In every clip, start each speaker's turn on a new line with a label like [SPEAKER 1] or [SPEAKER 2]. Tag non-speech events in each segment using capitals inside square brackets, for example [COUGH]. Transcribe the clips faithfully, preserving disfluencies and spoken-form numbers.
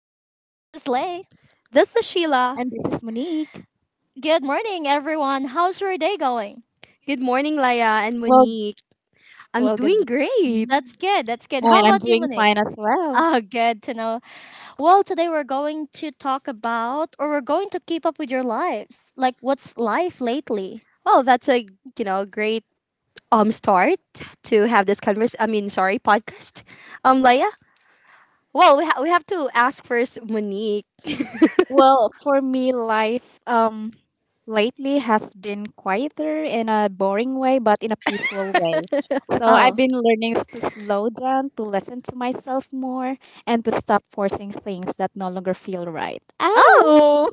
[SPEAKER 1] This is Sheila.
[SPEAKER 2] and this is Monique.
[SPEAKER 3] Good morning, everyone. How's your day going?
[SPEAKER 1] Good morning, Laya and
[SPEAKER 2] Well,
[SPEAKER 1] Monique. I'm
[SPEAKER 2] well,
[SPEAKER 1] doing
[SPEAKER 2] good.
[SPEAKER 1] great.
[SPEAKER 3] That's
[SPEAKER 2] And
[SPEAKER 3] good. That's good. How
[SPEAKER 2] I'm
[SPEAKER 3] about you,
[SPEAKER 2] doing
[SPEAKER 3] Monique?
[SPEAKER 2] fine as well.
[SPEAKER 3] Oh, good to know. Well, today we're going to talk about, or we're going to keep up with your lives. Like, what's life lately?
[SPEAKER 1] Well, that's a you know great um start to have this converse. I mean, sorry, podcast. Um, Laya. Well, we ha- we have to ask first, Monique.
[SPEAKER 2] Well, for me, life um lately has been quieter in a boring way, but in a peaceful way. So I've
[SPEAKER 3] Oh.
[SPEAKER 2] been learning to slow down, to listen to myself more, and to stop forcing things that no longer feel right. Ow!
[SPEAKER 1] Oh,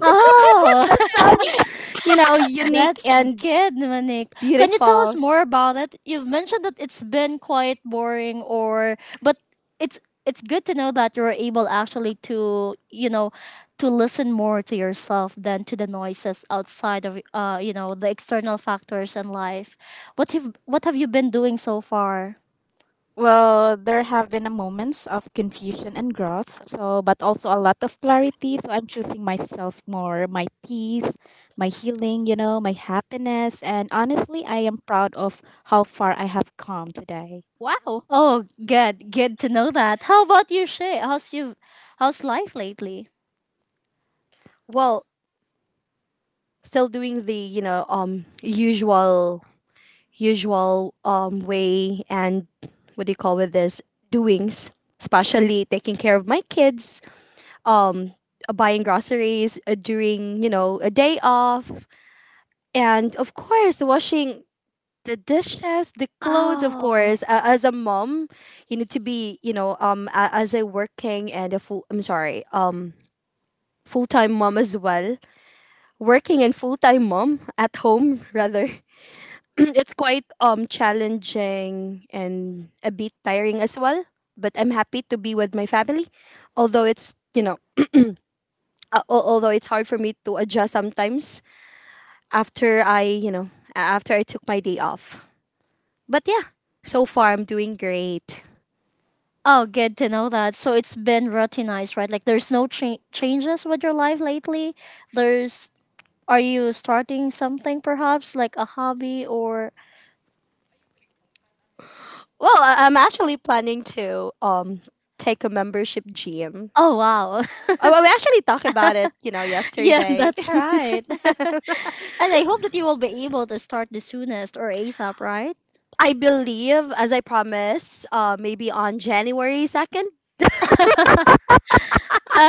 [SPEAKER 1] [LAUGHS]
[SPEAKER 3] Oh,
[SPEAKER 1] that sounds you know unique
[SPEAKER 3] that's
[SPEAKER 1] and
[SPEAKER 3] good, Manik. Can you tell us
[SPEAKER 1] beautiful.
[SPEAKER 3] more about it? You've mentioned that it's been quite boring or but it's it's good to know that you're able actually to, you know, to listen more to yourself than to the noises outside of uh, you know, the external factors in life. What have what have you been doing so far?
[SPEAKER 2] Well, there have been a moments of confusion and growth, so but also a lot of clarity. So I'm choosing myself more, my peace, my healing, you know, my happiness, and honestly, I am proud of how far I have come today. Wow.
[SPEAKER 3] Oh, good. Good to know that. How about you, Shay? How's you how's life lately?
[SPEAKER 1] Well, still doing the you know um usual usual um, way and what do you call with this doings, especially taking care of my kids, um, uh, buying groceries uh, during you know a day off, and of course washing the dishes, the clothes. Of
[SPEAKER 3] Oh.
[SPEAKER 1] course, uh, as a mom, you need to be you know um a- as a working and a full. I'm sorry, um full time mom as well, working and full time mom at home [LAUGHS] rather. [CLEARS THROAT] It's quite um challenging and a bit tiring as well, but I'm happy to be with my family, although it's you know uh, al- although it's hard for me to adjust sometimes after I you know a- after I took my day off. But yeah, so far I'm doing great.
[SPEAKER 3] Oh, good to know that. So it's been routinized, right? Like there's no cha- changes with your life lately. There's are you starting something perhaps like a hobby or
[SPEAKER 1] Well, I- i'm actually planning to um take a membership gym.
[SPEAKER 3] oh wow. [LAUGHS]
[SPEAKER 1] Oh well, we actually talked about it you know
[SPEAKER 3] Yeah,
[SPEAKER 1] yesterday.
[SPEAKER 3] that's
[SPEAKER 1] [LAUGHS]
[SPEAKER 3] right. [LAUGHS] And I hope that you will be able to start the soonest or ASAP, right?
[SPEAKER 1] I believe, as I promised, uh, maybe on January second.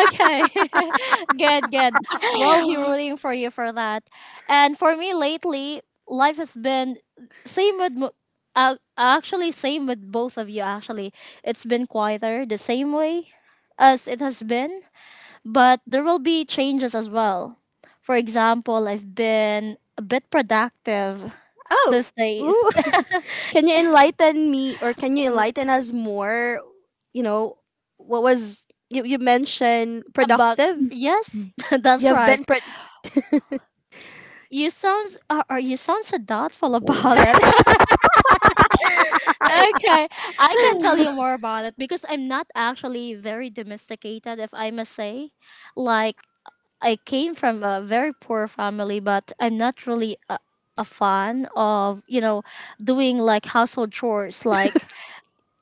[SPEAKER 3] Okay. [LAUGHS] Good, good. We'll be rooting for you for that. And for me lately, life has been same with mo- uh, actually same with both of you actually. It's been quieter the same way as it has been, but there will be changes as well. For example, I've been a bit productive [LAUGHS]
[SPEAKER 1] Oh,
[SPEAKER 3] these
[SPEAKER 1] ooh.
[SPEAKER 3] days.
[SPEAKER 1] [LAUGHS] Can you enlighten me or can you
[SPEAKER 3] [LAUGHS] W-
[SPEAKER 1] enlighten us more? You know, what was you, you mentioned
[SPEAKER 3] about
[SPEAKER 1] productive?
[SPEAKER 3] yes, [LAUGHS]
[SPEAKER 2] [LAUGHS]
[SPEAKER 1] You
[SPEAKER 3] that's
[SPEAKER 1] have
[SPEAKER 3] right.
[SPEAKER 1] been pro-
[SPEAKER 3] You sound are uh, you sound so doubtful [LAUGHS] about it. Okay, I can tell you more about it because I'm not actually very domesticated, if I must say. Like, I came from a very poor family, but I'm not really a, a fan of, you know, doing like household chores. Like,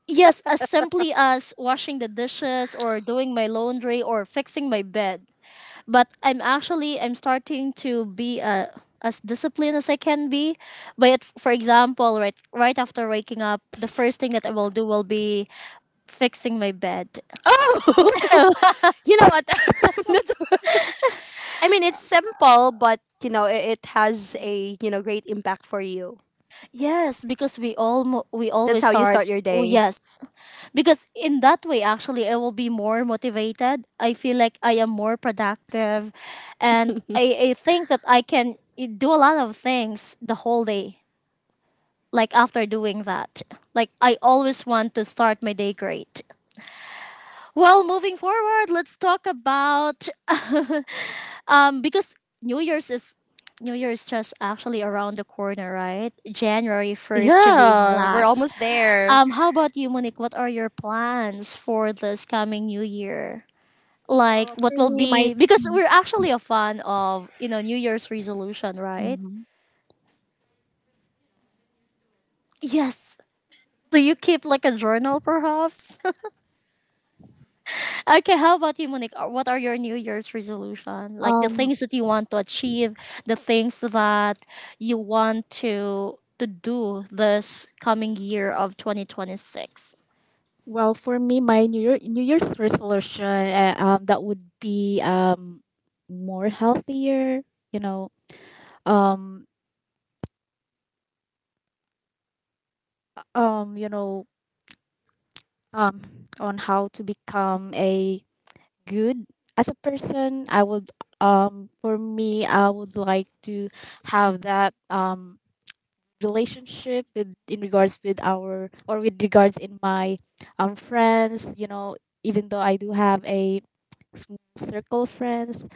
[SPEAKER 3] yes, as simply as washing the dishes or doing my laundry or fixing my bed but I'm actually I'm starting to be uh, as disciplined as I can be. But it, for example, right right after waking up, the first thing that I will do will be fixing my bed.
[SPEAKER 1] Oh,
[SPEAKER 3] [LAUGHS]
[SPEAKER 1] [LAUGHS] you know what? [LAUGHS] That's, I mean, it's simple, but you know, it, it has a you know great impact for you.
[SPEAKER 3] Yes, because we all mo- we
[SPEAKER 1] That's
[SPEAKER 3] always
[SPEAKER 1] how you start
[SPEAKER 3] start.
[SPEAKER 1] your
[SPEAKER 3] Oh
[SPEAKER 1] day.
[SPEAKER 3] yes, because in that way actually I will be more motivated. I feel like I am more productive, and I I think that I can eh, do a lot of things the whole day like after doing that. Like I always want to start my day great. Well, moving forward, let's talk about [LAUGHS] um because New Year's is New Year's just actually around the corner, right? January first to be
[SPEAKER 1] Yeah, we're
[SPEAKER 3] exact.
[SPEAKER 1] almost there
[SPEAKER 3] Um, how about you, Monique? What are your plans for this coming new year? Like
[SPEAKER 2] Well,
[SPEAKER 3] what
[SPEAKER 2] for
[SPEAKER 3] will
[SPEAKER 2] me, my
[SPEAKER 3] be because we're actually a fan of, you know, New Year's resolution, right?
[SPEAKER 2] mhm.
[SPEAKER 3] Yes. Do you keep like a journal perhaps? Okay, how about you, Monique? Uh, What are your New Year's resolution? Like the
[SPEAKER 2] Um,
[SPEAKER 3] things that you want to achieve, the things that you want to to do this coming year of twenty twenty six
[SPEAKER 2] well, for me, my New Year, New Year's resolution, uh, um, that would be um, more healthier. You know, um, um, you know, um, on how to become a good as a person. I would, um, for me, I would like to have that um relationship with in regards with our or with regards in my um friends. You know, even though I do have a small circle of friends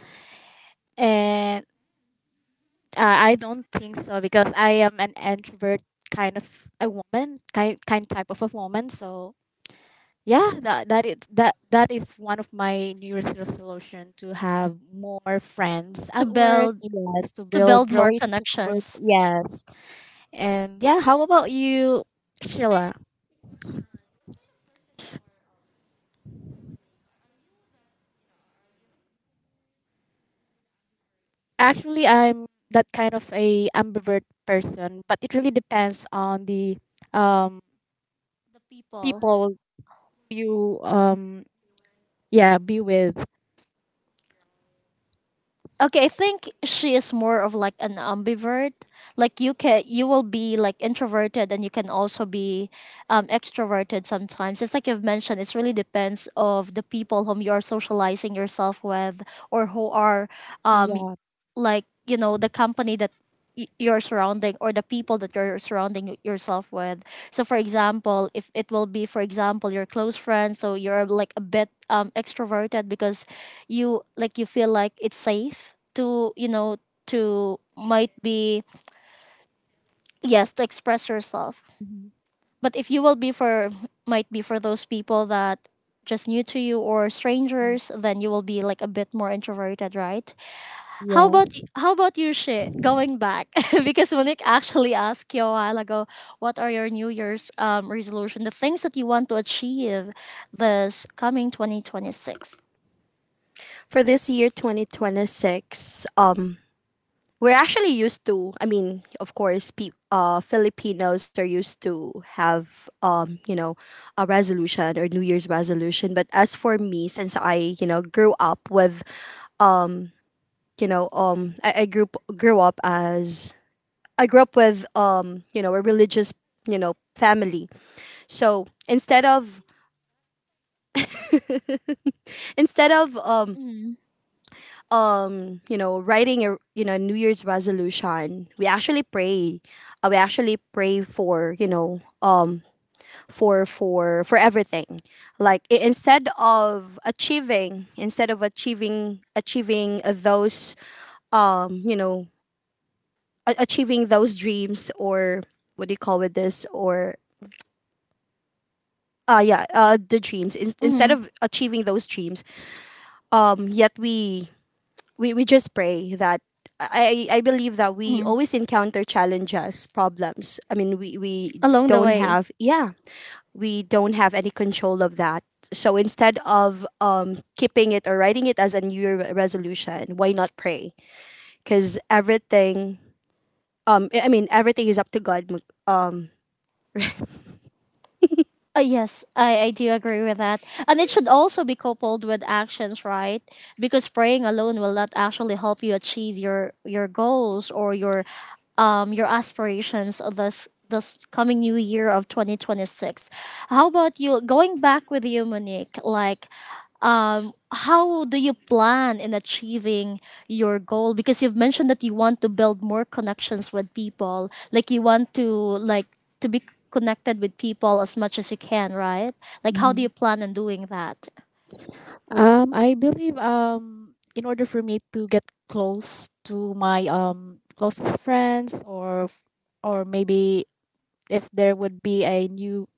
[SPEAKER 2] and uh, I don't think so because I am an introvert kind of a woman, kind kind type of a woman. So yeah, that that is that that is one of my New Year's resolution to have more friends
[SPEAKER 3] to
[SPEAKER 2] at work.
[SPEAKER 3] build
[SPEAKER 2] Yes, to
[SPEAKER 3] to build
[SPEAKER 2] build
[SPEAKER 3] more
[SPEAKER 2] relationships. With,
[SPEAKER 3] connections,
[SPEAKER 2] yes, and yeah. How about you, Sheila? Actually, I'm that kind of a ambivert person, but it really depends on the um
[SPEAKER 3] the people.
[SPEAKER 2] people you um yeah be with.
[SPEAKER 3] Okay, I think she is more of like an ambivert. Like you can you will be like introverted and you can also be um, extroverted sometimes. It's like you've mentioned, it really depends of the people whom you are socializing yourself with or who are um,
[SPEAKER 2] Yeah.
[SPEAKER 3] like you know the company that y- you're surrounding or the people that you're surrounding y- yourself with so for example if it will be for example your close friends so you're like a bit um, extroverted because you like you feel like it's safe to you know to might be yes to express yourself
[SPEAKER 2] Mhm.
[SPEAKER 3] but if you will be for might be for those people that just new to you or
[SPEAKER 2] Mm.
[SPEAKER 3] strangers then you will be like a bit more introverted, right? How about y-
[SPEAKER 2] Yes.
[SPEAKER 3] how about your shit going back? [LAUGHS] Because Monique actually asked you a while ago, what are your New Year's um, resolution, the things that you want to achieve this coming twenty twenty six?
[SPEAKER 1] for this year, twenty twenty six. Um, we're actually used to, I mean, of course, pe- uh, Filipinos are used to have, um, you know a resolution or new year's resolution, but as for me, since i you know grew up with, um, you know um, I, I grew grew up as I grew up with, um, you know a religious you know family. So instead of instead of um,
[SPEAKER 3] Mm-hmm.
[SPEAKER 1] um you know writing a you know new year's resolution, we actually pray. uh, we actually pray for, you know um for for for everything. Like, i- instead of achieving instead of achieving achieving those um you know a- achieving those dreams. Or what do you call with this? Or, uh yeah uh, the dreams. In- instead
[SPEAKER 3] Mm-hmm.
[SPEAKER 1] of achieving those dreams, um yet we we, we just pray that I, I believe that we always encounter challenges, problems. I mean, we, we
[SPEAKER 3] Along the
[SPEAKER 1] don't
[SPEAKER 3] way.
[SPEAKER 1] have, yeah, we don't have any control of that. So instead of, um, keeping it or writing it as a New Year re- resolution, why not pray? Because everything, um, I I mean, everything is up to God. Mag- Um, [LAUGHS]
[SPEAKER 3] Uh, yes, I, I do agree with that. And it should also be coupled with actions, right? Because praying alone will not actually help you achieve your your goals or your um your aspirations of this this coming new year of twenty twenty six. How about you going back with you Monique like um how do you plan in achieving your goal because you've mentioned that you want to build more connections with people like you want to like to be connected with people as much as you can, right? Like, how do
[SPEAKER 2] Hmm.
[SPEAKER 3] you plan on doing that?
[SPEAKER 2] Um, I believe um, in order for me to get close to my um closest friends, or f- or maybe if there would be a new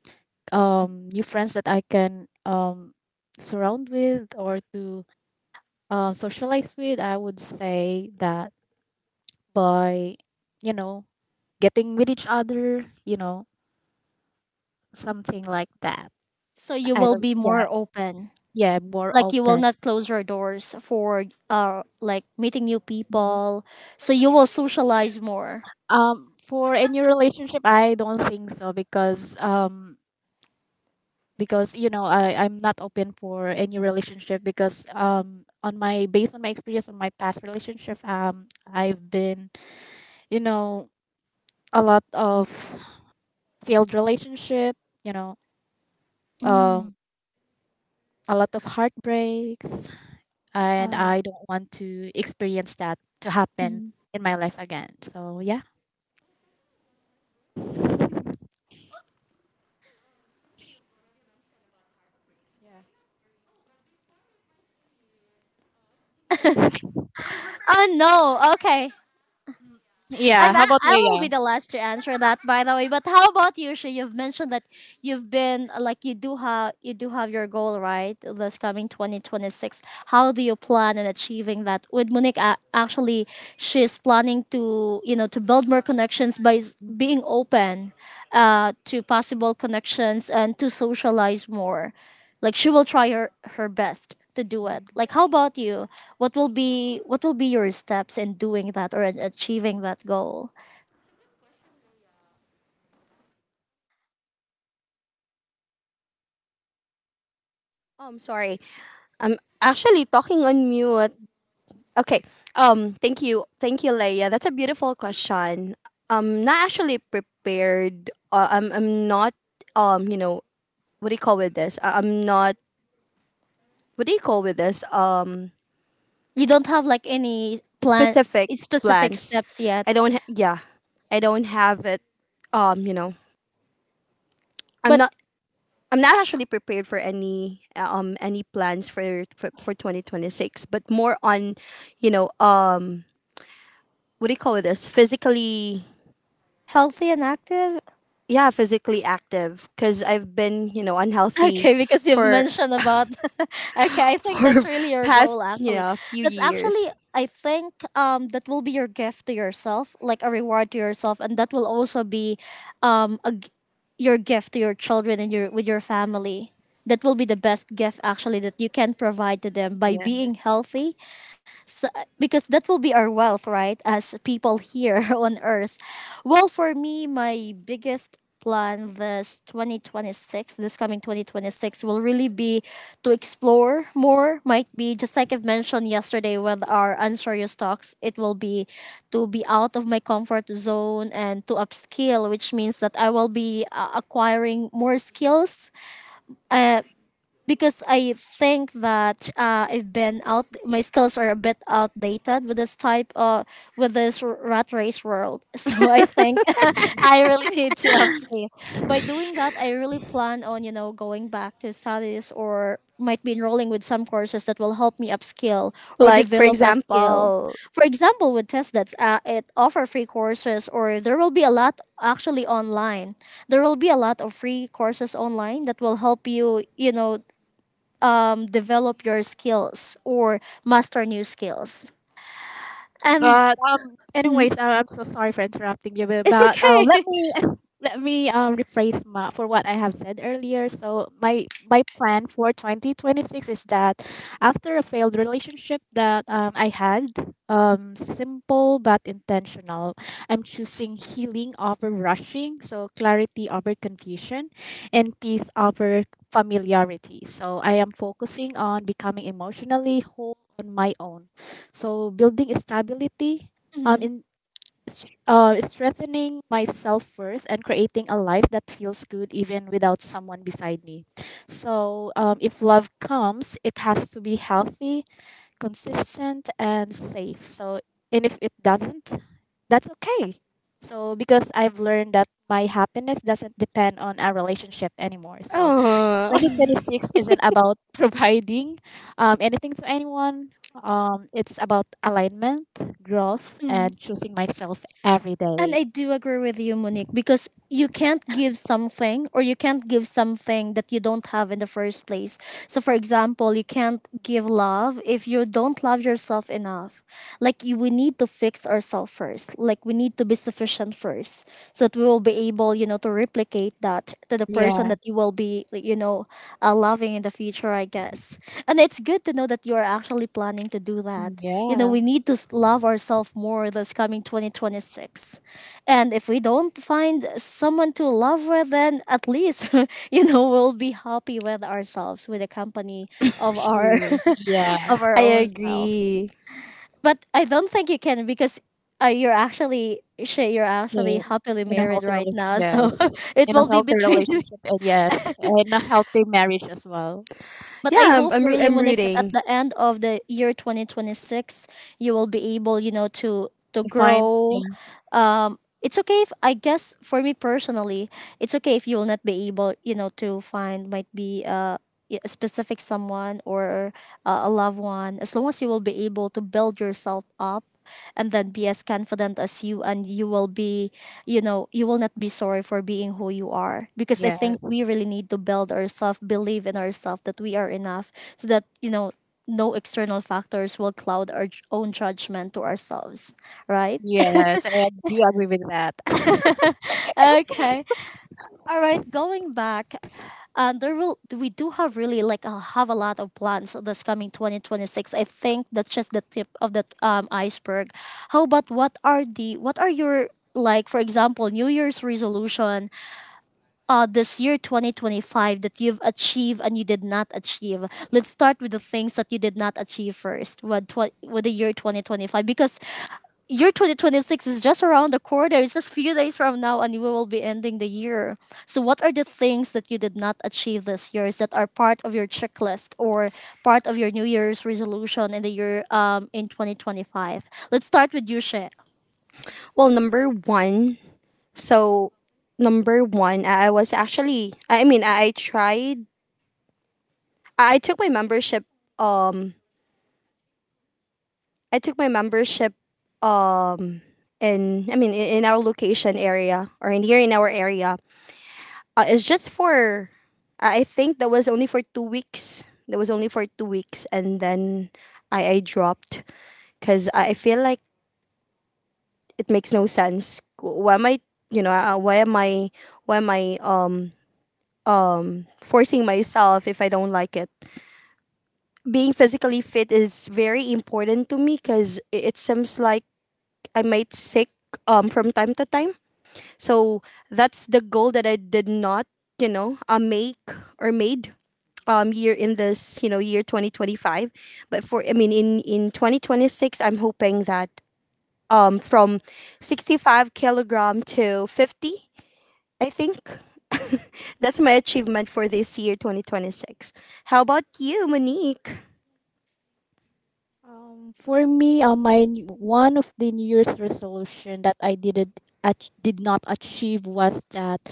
[SPEAKER 2] um new friends that I can um surround with or to uh, socialize with, I would say that by you know getting with each other, you know something like that.
[SPEAKER 3] So you
[SPEAKER 2] I
[SPEAKER 3] will
[SPEAKER 2] will,
[SPEAKER 3] be
[SPEAKER 2] yeah,
[SPEAKER 3] more open.
[SPEAKER 2] yeah, more
[SPEAKER 3] Like you will
[SPEAKER 2] open.
[SPEAKER 3] not close your doors for uh like meeting new people. So you will socialize more.
[SPEAKER 2] Um, for a new relationship, I don't think so because um because you know I I'm not open for any relationship because um on my based on my experience on my past relationship um I've been you know a lot of failed relationship, you know, um
[SPEAKER 3] Mm.
[SPEAKER 2] a lot of heartbreaks, and
[SPEAKER 3] Oh.
[SPEAKER 2] I don't want to experience that to happen
[SPEAKER 3] Mm.
[SPEAKER 2] in my life again. So yeah. Yeah.
[SPEAKER 3] Oh no. Okay.
[SPEAKER 2] Mm. Yeah.
[SPEAKER 3] I'm. I
[SPEAKER 2] How about
[SPEAKER 3] I will be
[SPEAKER 2] Leia?
[SPEAKER 3] the last to answer that. By the way, but how about you, Shay? You've mentioned that you've been uh, like you do have you do have your goal right this coming twenty twenty six how do you plan on achieving that with monique a- actually she's planning to you know to build more connections by s-
[SPEAKER 2] Mhm.
[SPEAKER 3] being open uh, to possible connections and to socialize more like she will try her her best to do it
[SPEAKER 2] Mhm.
[SPEAKER 3] like how about you what will be what will be your steps in doing that or in achieving that goal
[SPEAKER 1] um, sorry, I'm actually talking on mute. Okay. Um. Thank you. Thank you, Leia. That's a beautiful question. I'm not actually prepared. Uh, I'm. I'm not. Um. You know. What do you call with this? I- I'm not. What do you call with this? Um.
[SPEAKER 3] you don't have like any plan
[SPEAKER 1] Specific
[SPEAKER 3] specific
[SPEAKER 1] plans.
[SPEAKER 3] steps yet
[SPEAKER 1] I don't. Ha- yeah. I don't have it. Um. You know. I'm
[SPEAKER 3] but
[SPEAKER 1] not. I'm not actually prepared for any um any plans for for, for twenty twenty-six, but more on, you know, um, what do you call it this? Physically.
[SPEAKER 3] healthy and active? [LAUGHS]
[SPEAKER 1] Yeah, physically active, because I've been you know unhealthy
[SPEAKER 3] Okay, because you've
[SPEAKER 1] for,
[SPEAKER 3] mentioned about [LAUGHS] okay, I
[SPEAKER 1] [LAUGHS]
[SPEAKER 3] think that's
[SPEAKER 1] for
[SPEAKER 3] really your
[SPEAKER 1] past
[SPEAKER 3] goal
[SPEAKER 1] you
[SPEAKER 3] actually.
[SPEAKER 1] know few
[SPEAKER 3] That's
[SPEAKER 1] years.
[SPEAKER 3] actually I think um that will be your gift to yourself, like a reward to yourself and that will also be um a g your gift to your children and your with your family. That will be the best gift actually that you can provide to them by being
[SPEAKER 2] Yes.
[SPEAKER 3] healthy because that will be our wealth, right? As people here [LAUGHS] on earth. Well, for me, my biggest plan this twenty twenty six, this coming twenty twenty six, will really be to explore more. Might be just like I've mentioned yesterday with our unserious talks, it will be to be out of my comfort zone and to upskill, which means that I will be uh, acquiring more skills. Uh, because I think that uh, I've been out. My skills are a bit outdated with this type of with this r- rat race world. [LAUGHS] So I think [LAUGHS] I really need to upscale. By doing that, I really plan on you know going back to studies or might be enrolling with some courses that will help me upskill or
[SPEAKER 1] Like for
[SPEAKER 3] develop a skill.
[SPEAKER 1] example.
[SPEAKER 3] For example, with test that's uh, it offer free courses or there will be a lot actually online. There will be a lot of free courses online that will help you, you know, um, develop your skills or master new skills. And
[SPEAKER 2] But um,
[SPEAKER 3] mhm,
[SPEAKER 2] anyways, uh, I'm so sorry for interrupting you. But
[SPEAKER 3] it's
[SPEAKER 2] but, uh, let
[SPEAKER 3] okay.
[SPEAKER 2] me
[SPEAKER 3] [LAUGHS]
[SPEAKER 2] [LAUGHS] let me um rephrase ma- for what I have said earlier. So my my plan for twenty twenty-six is that after a failed relationship that um, I had, um, simple but intentional, I'm choosing healing over rushing. So clarity over confusion, and peace over familiarity. So I am focusing on becoming emotionally whole on my own, so building stability, um,
[SPEAKER 3] Mhm,
[SPEAKER 2] in s- uh, strengthening my self worth and creating a life that feels good even without someone beside me. So um, if love comes, it has to be healthy, consistent, and safe. So and if it doesn't, that's okay. So because I've learned that my happiness doesn't depend on a relationship anymore. So
[SPEAKER 1] Oh,
[SPEAKER 3] mhm,
[SPEAKER 2] twenty twenty-six isn't about [LAUGHS] providing um, anything to anyone. Um, it's about alignment, growth,
[SPEAKER 3] mhm.
[SPEAKER 2] and choosing myself every
[SPEAKER 3] And
[SPEAKER 2] day.
[SPEAKER 3] I do agree with you, Monique, because you can't give something or you can't give something that you don't have in the first place. So, for example, you can't give love if you don't love yourself enough. Like, you, we need to fix ourselves first. Like, we need to be sufficient first so that we will be able, you know, to replicate that to the person
[SPEAKER 2] Yeah,
[SPEAKER 3] that you will be, like, you know, uh, loving in the future, I guess. And it's good to know that you are actually planning to do that. You know,
[SPEAKER 2] yeah,
[SPEAKER 3] we need to s- love ourselves more this coming twenty twenty six. And if we don't find someone to love with, then at least, [LAUGHS] you know, we'll be happy with ourselves, with the company of our
[SPEAKER 2] true.
[SPEAKER 3] [LAUGHS]
[SPEAKER 2] Yeah,
[SPEAKER 3] of
[SPEAKER 1] [LAUGHS]
[SPEAKER 3] our
[SPEAKER 1] I
[SPEAKER 3] own self.
[SPEAKER 1] agree.
[SPEAKER 3] But I don't think you can because uh, you're actually Shay, you're actually
[SPEAKER 2] yeah.
[SPEAKER 3] happily
[SPEAKER 2] In a
[SPEAKER 3] married
[SPEAKER 2] healthy
[SPEAKER 3] right
[SPEAKER 2] relationship,
[SPEAKER 3] now. So
[SPEAKER 2] yes,
[SPEAKER 3] [LAUGHS] it
[SPEAKER 2] in a
[SPEAKER 3] will be
[SPEAKER 2] healthy
[SPEAKER 3] between
[SPEAKER 2] relationship, and yes, in a healthy marriage as well.
[SPEAKER 3] But I
[SPEAKER 1] Yeah, i'm,
[SPEAKER 3] hope
[SPEAKER 1] I'm, roo-
[SPEAKER 3] really,
[SPEAKER 1] I'm
[SPEAKER 3] Monique, that at
[SPEAKER 1] rooting.
[SPEAKER 3] the end of the year two thousand twenty six, you will be able, you know, to to
[SPEAKER 2] To find, yeah,
[SPEAKER 3] grow. Um, it's okay if I guess for me personally, it's okay if you will not be able, you know, to find might be uh, a specific someone or uh, a loved one. As long as you will be able to build yourself up and then be as confident as you and you will be you know, you will not be sorry for being who you are. Because I think we
[SPEAKER 2] yes,
[SPEAKER 3] really need to build ourselves, believe in ourselves that we are enough so that, you know, no external factors will cloud our j- own judgment to ourselves, right?
[SPEAKER 2] yes, I do agree with that.
[SPEAKER 3] [LAUGHS] Okay. All right, going back, um, there will we do have really like uh, have a lot of plans this coming twenty twenty six. I think that's just the tip of the um, iceberg. How about what are the what are your, like, for example, New Year's resolution uh, this year twenty twenty-five that you've achieved and you did not achieve? Let's start with the things that you did not achieve first with, tw- with the year twenty twenty-five, because year twenty twenty-six is just around the corner. It's just few days from now and we will be ending the year. So what are the things that you did not achieve this year that are part of your checklist or part of your new year's resolution in the year um, in twenty twenty-five? Let's start with you, Shay.
[SPEAKER 1] Well, number one. so number one i I was actually, I mean, i, I tried. I, I took my membership,
[SPEAKER 2] [LAUGHS]
[SPEAKER 1] um i took my membership um in, I mean, in, in our location area, or in here in our area. Uh, it's just for, I I think that was only for two weeks. That was only for two weeks, and then I I dropped because I I feel like it makes no sense. Why am I, you know, uh, why am I, why am I um um forcing myself if I don't like it? Being physically fit is very important to me, because it seems like I might sick um from time to time. So that's the goal that I did not, you know, uh, make or made um year in this you know year twenty twenty-five. But for, I mean, in in twenty twenty-six, I'm hoping that, um from sixty-five kilogram to fifty, I think. [LAUGHS] That's my achievement for this year twenty twenty-six. How about you, Monique?
[SPEAKER 2] Um, for me, um, my n- one of the New Year's resolution that I didn't ach- did not achieve was that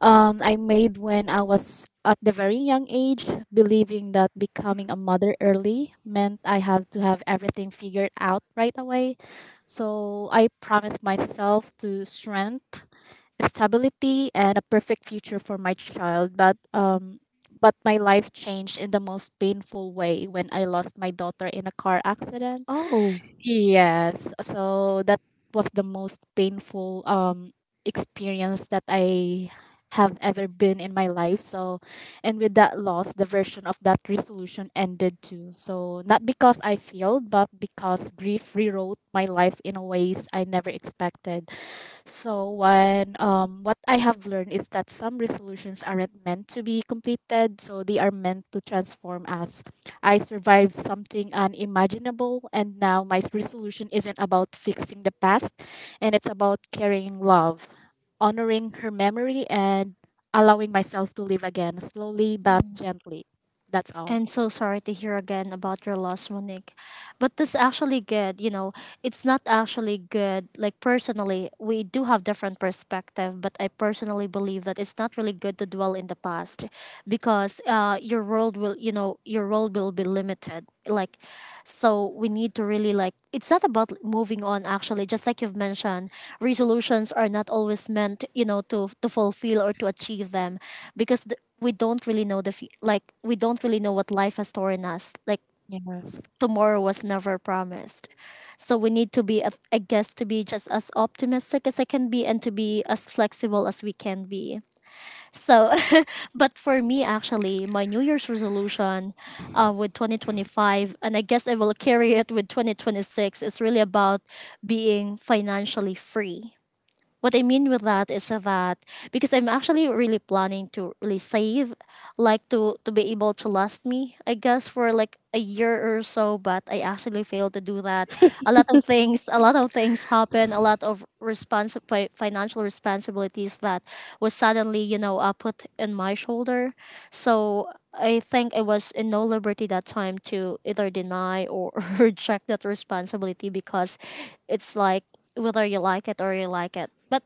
[SPEAKER 2] um, I made when I was at the very young age, believing that becoming a mother early meant I have to have everything figured out right away. So I promised myself to strength, stability, and a perfect future for my child. But um, but my life changed in the most painful way when I lost my daughter in a car accident.
[SPEAKER 1] Oh,
[SPEAKER 2] Yes. So that was the most painful um experience that I have ever been in my life. So and with that loss, the version of that resolution ended too. So not because I failed, but because grief rewrote my life in a ways I never expected. So when um, what I have learned is that some resolutions aren't meant to be completed, so they are meant to transform us. I survived something unimaginable, and now my resolution isn't about fixing the past, and it's about carrying love, honoring her memory, and allowing myself to live again slowly but gently. That's all.
[SPEAKER 3] And so sorry to hear again about your loss, Monique. But that's actually good. You know, it's not actually good. Like, personally, we do have different perspective, but I personally believe that it's not really good to dwell in the past, because uh, your world will, you know, your world will be limited. Like, so we need to really, like, it's not about moving on actually. Just like you've mentioned, resolutions are not always meant, you know, to to fulfill or to achieve them, because th- we don't really know the fe- like, we don't really know what life has stored in us. Like,
[SPEAKER 2] Yes.
[SPEAKER 3] tomorrow was never promised, so we need to be, I guess, to be just as optimistic as I can be and to be as flexible as we can be. So [LAUGHS] but for me, actually, my New Year's resolution uh, with twenty twenty-five, and I guess I will carry it with twenty twenty-six, is really about being financially free. What I mean with that is that, because I'm actually really planning to really save, like, to to be able to last me, I guess, for like a year or so. But I actually failed to do that. A lot of things, a lot of things happen. A lot of response fi- financial responsibilities that was suddenly, you know, uh, put in my shoulder. So I think I was in no liberty that time to either deny or [LAUGHS] reject that responsibility, because it's like, whether you like it or you like it. But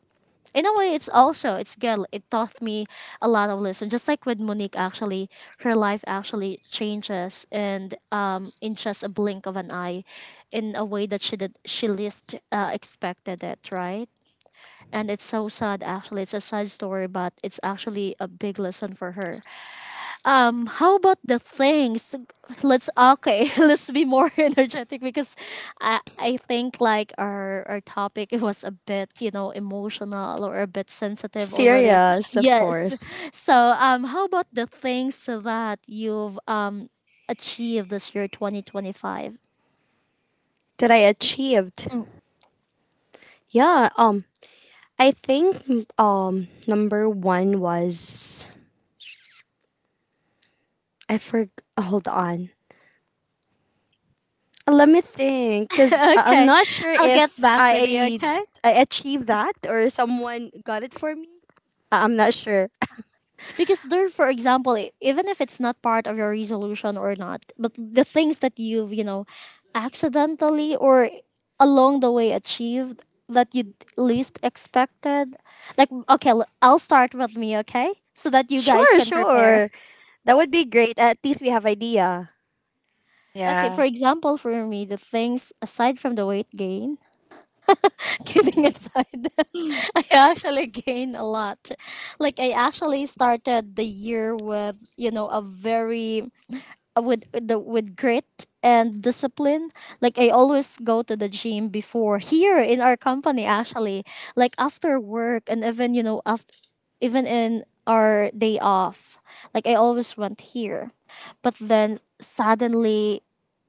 [SPEAKER 3] in a way, it's also, it's good. It taught me a lot of lessons. Just like with Monique, actually, her life actually changes and um in just a blink of an eye, in a way that she did, she least uh, expected it, right? And it's so sad. Actually, it's a sad story, but it's actually a big lesson for her. Um how about the things? Let's, okay, [LAUGHS] let's be more [LAUGHS] energetic, because i i think, like, our our topic [LAUGHS] was a bit, you know, emotional or a bit sensitive already.
[SPEAKER 1] serious, of
[SPEAKER 3] Yes.
[SPEAKER 1] course.
[SPEAKER 3] So um how about the things that you've um achieved this year twenty twenty-five?
[SPEAKER 1] That I achieved? Yeah, um I think, um number one was, I forg. Hold on. Let me think, because
[SPEAKER 3] [LAUGHS]
[SPEAKER 1] I'm
[SPEAKER 3] Okay,
[SPEAKER 1] not sure
[SPEAKER 3] I'll get
[SPEAKER 1] if
[SPEAKER 3] back with you,
[SPEAKER 1] I
[SPEAKER 3] okay?
[SPEAKER 1] I achieved that or someone got it for me. I- I'm not sure.
[SPEAKER 3] Because there, for example, i- even if it's not part of your resolution or not, but the things that you've, you know, accidentally or along the way achieved, that you least expected. Like, okay, l- I'll start with me, okay? So that
[SPEAKER 1] [LAUGHS]
[SPEAKER 3] you guys
[SPEAKER 1] Sure,
[SPEAKER 3] can prepare.
[SPEAKER 1] sure. That would be great. At least we have idea.
[SPEAKER 3] Okay,
[SPEAKER 2] Yeah.
[SPEAKER 3] for example, for me, the things aside from the weight gain, [LAUGHS] kidding aside, [LAUGHS] I actually gained a lot. Like, I actually started the year with, you know, a very, with the, with grit and discipline. Like, I always go to the gym before, here in our company actually, like after work and even, you know, after, even in our day off, like, I always went here. But then suddenly,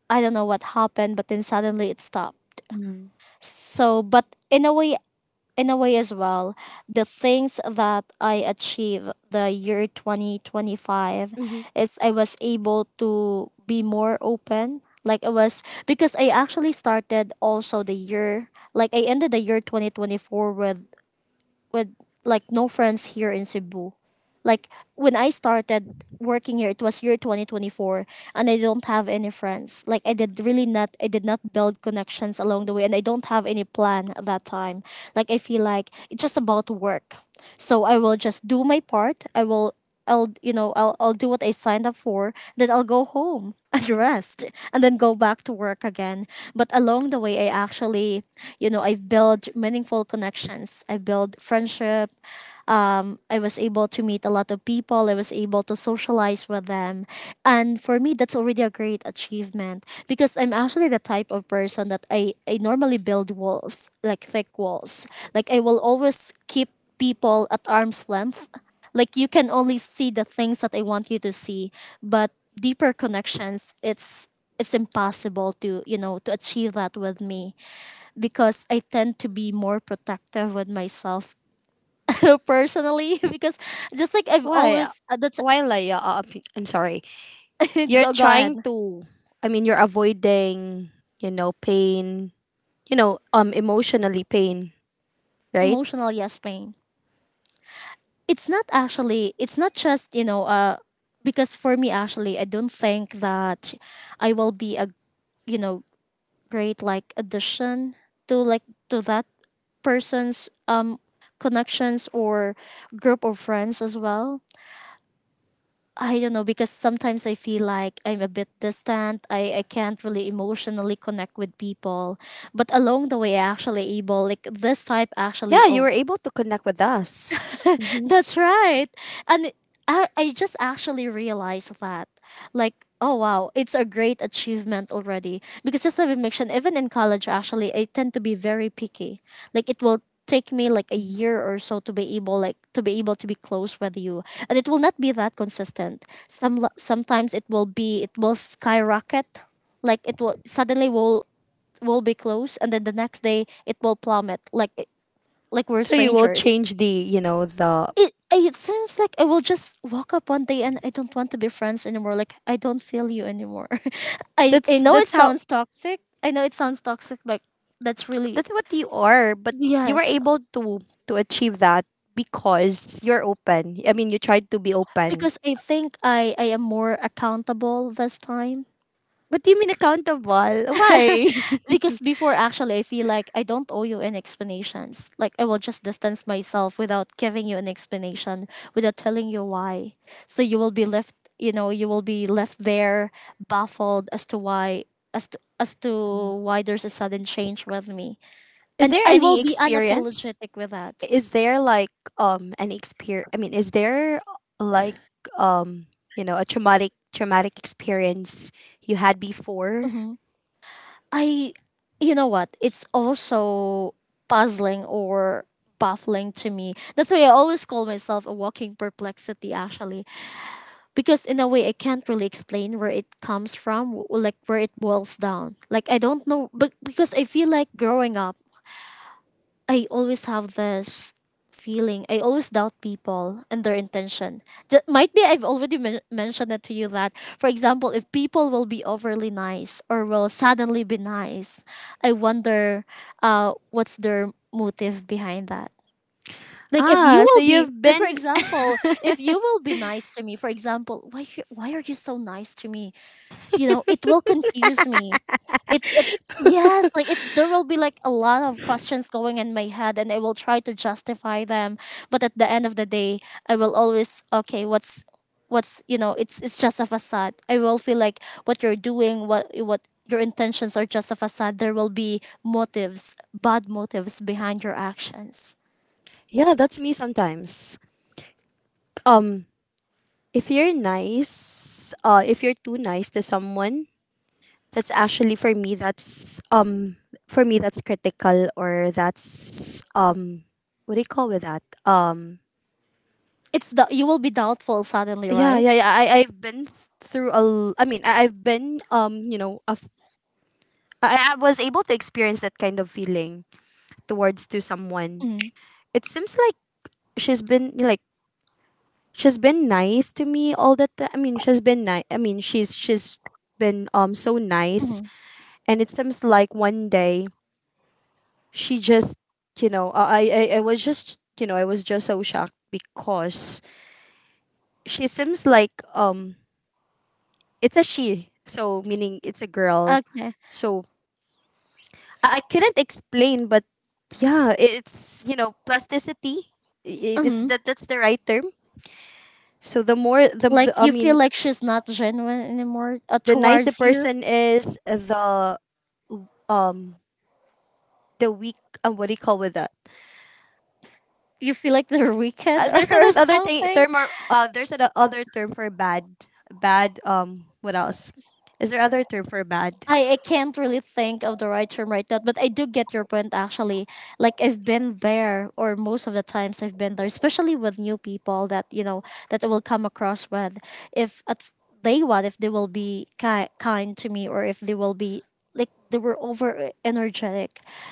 [SPEAKER 3] I don't know what happened, but then suddenly it stopped.
[SPEAKER 2] Mm-hmm.
[SPEAKER 3] So, but in a way, in a way as well, the things that I achieved the year twenty twenty-five
[SPEAKER 1] Hmm.
[SPEAKER 3] is, I was able to be more open. Like, I was, because I actually started also the year, like, I ended the year twenty twenty-four with, with like, no friends here in Cebu. Like, when I started working here, it was year twenty twenty-four, and I don't have any friends. Like, I did really not, I did not build connections along the way, and I don't have any plan at that time. Like, I feel like it's just about work. So I will just do my part. I will, I'll, you know, I'll I'll do what I signed up for. Then I'll go home [LAUGHS] and rest, and then go back to work again. But along the way, I actually, you know, I've built meaningful connections. I built friendship. I was able to meet a lot of people. I was able to socialize with them. And for me, that's already a great achievement, because I'm actually the type of person that I, I normally build walls, like thick walls. Like, I will always keep people at arm's length. Like, you can only see the things that I want you to see, but deeper connections, it's it's impossible to, you know, to achieve that with me, because I tend to be more protective with myself, [LAUGHS] personally, [LAUGHS] because just like I've
[SPEAKER 1] Why?
[SPEAKER 3] always, uh, that's
[SPEAKER 1] Why, Leia? Uh, i I'm sorry.
[SPEAKER 3] [LAUGHS]
[SPEAKER 1] You're
[SPEAKER 3] go, go ahead.
[SPEAKER 1] trying to. I mean, you're avoiding. You know, pain. You know, um, emotionally pain. Right?
[SPEAKER 3] Emotional, yes, pain. It's not actually, it's not just, you know, uh because for me, actually, I don't think that I will be a, you know, great, like, addition to, like, to that person's um connections or group of friends as well. I don't know, because sometimes I feel like I'm a bit distant. I, I can't really emotionally connect with people. But along the way, I actually able, like, this type
[SPEAKER 1] Yeah,
[SPEAKER 3] actually
[SPEAKER 1] you were
[SPEAKER 3] of,
[SPEAKER 1] able to connect with us.
[SPEAKER 2] What?
[SPEAKER 3] that's right. And I, I just actually realized that. Like, oh wow, it's a great achievement already. Because just as I've mentioned, even in college, actually, I tend to be very picky. Like, it will take me like a year or so to be able, like to be able to be close with you, and it will not be that consistent. Some, sometimes it will be, it will skyrocket, like it will suddenly will will be close, and then the next day it will plummet, like like we're
[SPEAKER 1] So you will
[SPEAKER 3] strangers.
[SPEAKER 1] change the. You know the.
[SPEAKER 3] it it seems like I will just walk up one day and I don't want to be friends anymore. Like, I don't feel you anymore. [LAUGHS] I I
[SPEAKER 1] That's
[SPEAKER 3] know it
[SPEAKER 1] that's how
[SPEAKER 3] sounds toxic. I know it sounds toxic. Like, that's really,
[SPEAKER 1] that's what you are. But you were
[SPEAKER 3] yes,
[SPEAKER 1] able to to achieve that, because you're open, I mean, you tried to be open.
[SPEAKER 3] because I think I I am more accountable this time.
[SPEAKER 1] But you mean accountable,
[SPEAKER 3] [LAUGHS]
[SPEAKER 1] why?
[SPEAKER 3] Because before, actually, I feel like I don't owe you any explanations. Like, I will just distance myself without giving you an explanation, without telling you why. So you will be left, you know, you will be left there baffled as to why, as to as
[SPEAKER 2] You're.
[SPEAKER 3] to why there's a sudden change with me.
[SPEAKER 1] [LAUGHS] Is
[SPEAKER 3] And
[SPEAKER 1] there
[SPEAKER 3] I will
[SPEAKER 1] any
[SPEAKER 3] be
[SPEAKER 1] experience?
[SPEAKER 3] unapologetic with that.
[SPEAKER 1] Is there like um An experience, I mean, is there like, um you know a traumatic traumatic experience you had before?
[SPEAKER 3] Mhm. I, you know what? It's also puzzling or baffling to me. That's why I always call myself a walking perplexity, actually, because in a way I can't really explain where it comes from, w- like, where it boils down. Like, I don't know, but because I feel like growing up, I always have this feeling. I always doubt people and their intention. That might be, I've already men- mentioned it to you that, for example, if people will be overly nice or will suddenly be nice, I wonder, uh, what's their motive behind that? Like, if you
[SPEAKER 1] Ah, so
[SPEAKER 3] will be,
[SPEAKER 1] you've
[SPEAKER 3] like, for
[SPEAKER 1] been.
[SPEAKER 3] example, if you will be nice to me, for example, why you- why are you so nice to me? You know, it will confuse me. It it yes, like, it, there will be like a lot of questions going in my head, and I will try to justify them, but at the end of the day, I will always, okay, what's what's you know, it's it's just a facade. I will feel like what you're doing, what what your intentions are, just a facade. There will be motives, bad motives behind your actions.
[SPEAKER 1] [LAUGHS] Yeah, that's me sometimes. um if you're nice, uh if you're too nice to someone, that's actually for me, that's, um for me, that's critical, or that's, um what do you call with that? um
[SPEAKER 3] It's the, you will be doubtful suddenly,
[SPEAKER 1] yeah,
[SPEAKER 3] right?
[SPEAKER 1] yeah, yeah, I I've been th- through a l- I mean, I- I've been, um you know a f- I I was able to experience that kind of feeling towards to someone.
[SPEAKER 3] Mm,
[SPEAKER 1] It seems like she's been like, she's been nice to me all the time. I mean, she's been nice. I mean, she's she's been, um so nice.
[SPEAKER 3] mhm.
[SPEAKER 1] And it seems like one day she just, you know I, I i was just, you know I was just so shocked because she seems like, um it's a she, so meaning it's a girl.
[SPEAKER 3] Okay.
[SPEAKER 1] So, i, I couldn't explain, but yeah, it's, you know plasticity. I- it's
[SPEAKER 3] Hmm.
[SPEAKER 1] that, that's the right term. So the more, the,
[SPEAKER 3] Like,
[SPEAKER 1] the I
[SPEAKER 3] you feel
[SPEAKER 1] mean,
[SPEAKER 3] like she's not genuine anymore, uh,
[SPEAKER 1] the nice the
[SPEAKER 3] towards you.
[SPEAKER 1] person is, the, um the weak, um what do you call with that?
[SPEAKER 3] You feel like they're
[SPEAKER 1] Uh,
[SPEAKER 3] wicked [LAUGHS]
[SPEAKER 1] there's
[SPEAKER 3] or
[SPEAKER 1] another other thing
[SPEAKER 3] something.
[SPEAKER 1] term, or uh, there's another other term for bad. Bad. Um. What else? Is there other term for bad?
[SPEAKER 3] I, I can't really think of the right term right now, but I do get your point actually. Like, I've been there, or most of the times I've been there, especially with new people that, you know, that I will come across with. If at day one, if they will be ki- kind to me, or if they will be like they were over energetic,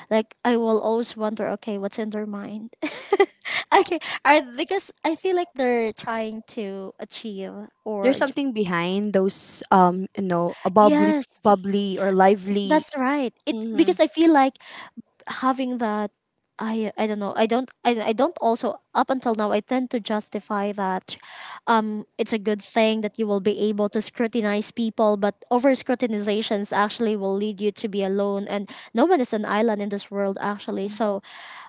[SPEAKER 3] like, I will always wonder, okay, what's in their mind? [LAUGHS] Okay. I, because I feel like they're trying to achieve or
[SPEAKER 1] There's
[SPEAKER 3] j-
[SPEAKER 1] something behind those. Um. You know, a bubbly,
[SPEAKER 3] yes,
[SPEAKER 1] bubbly or lively.
[SPEAKER 3] that's right. It, because
[SPEAKER 1] Mm-hmm.
[SPEAKER 3] I feel like having that, I I don't know. I don't, I, I don't also up until now I tend to justify that. Um it's a good thing that you will be able to scrutinize people, but over scrutinizations actually will lead you to be alone, and no one is an island in this world, actually. So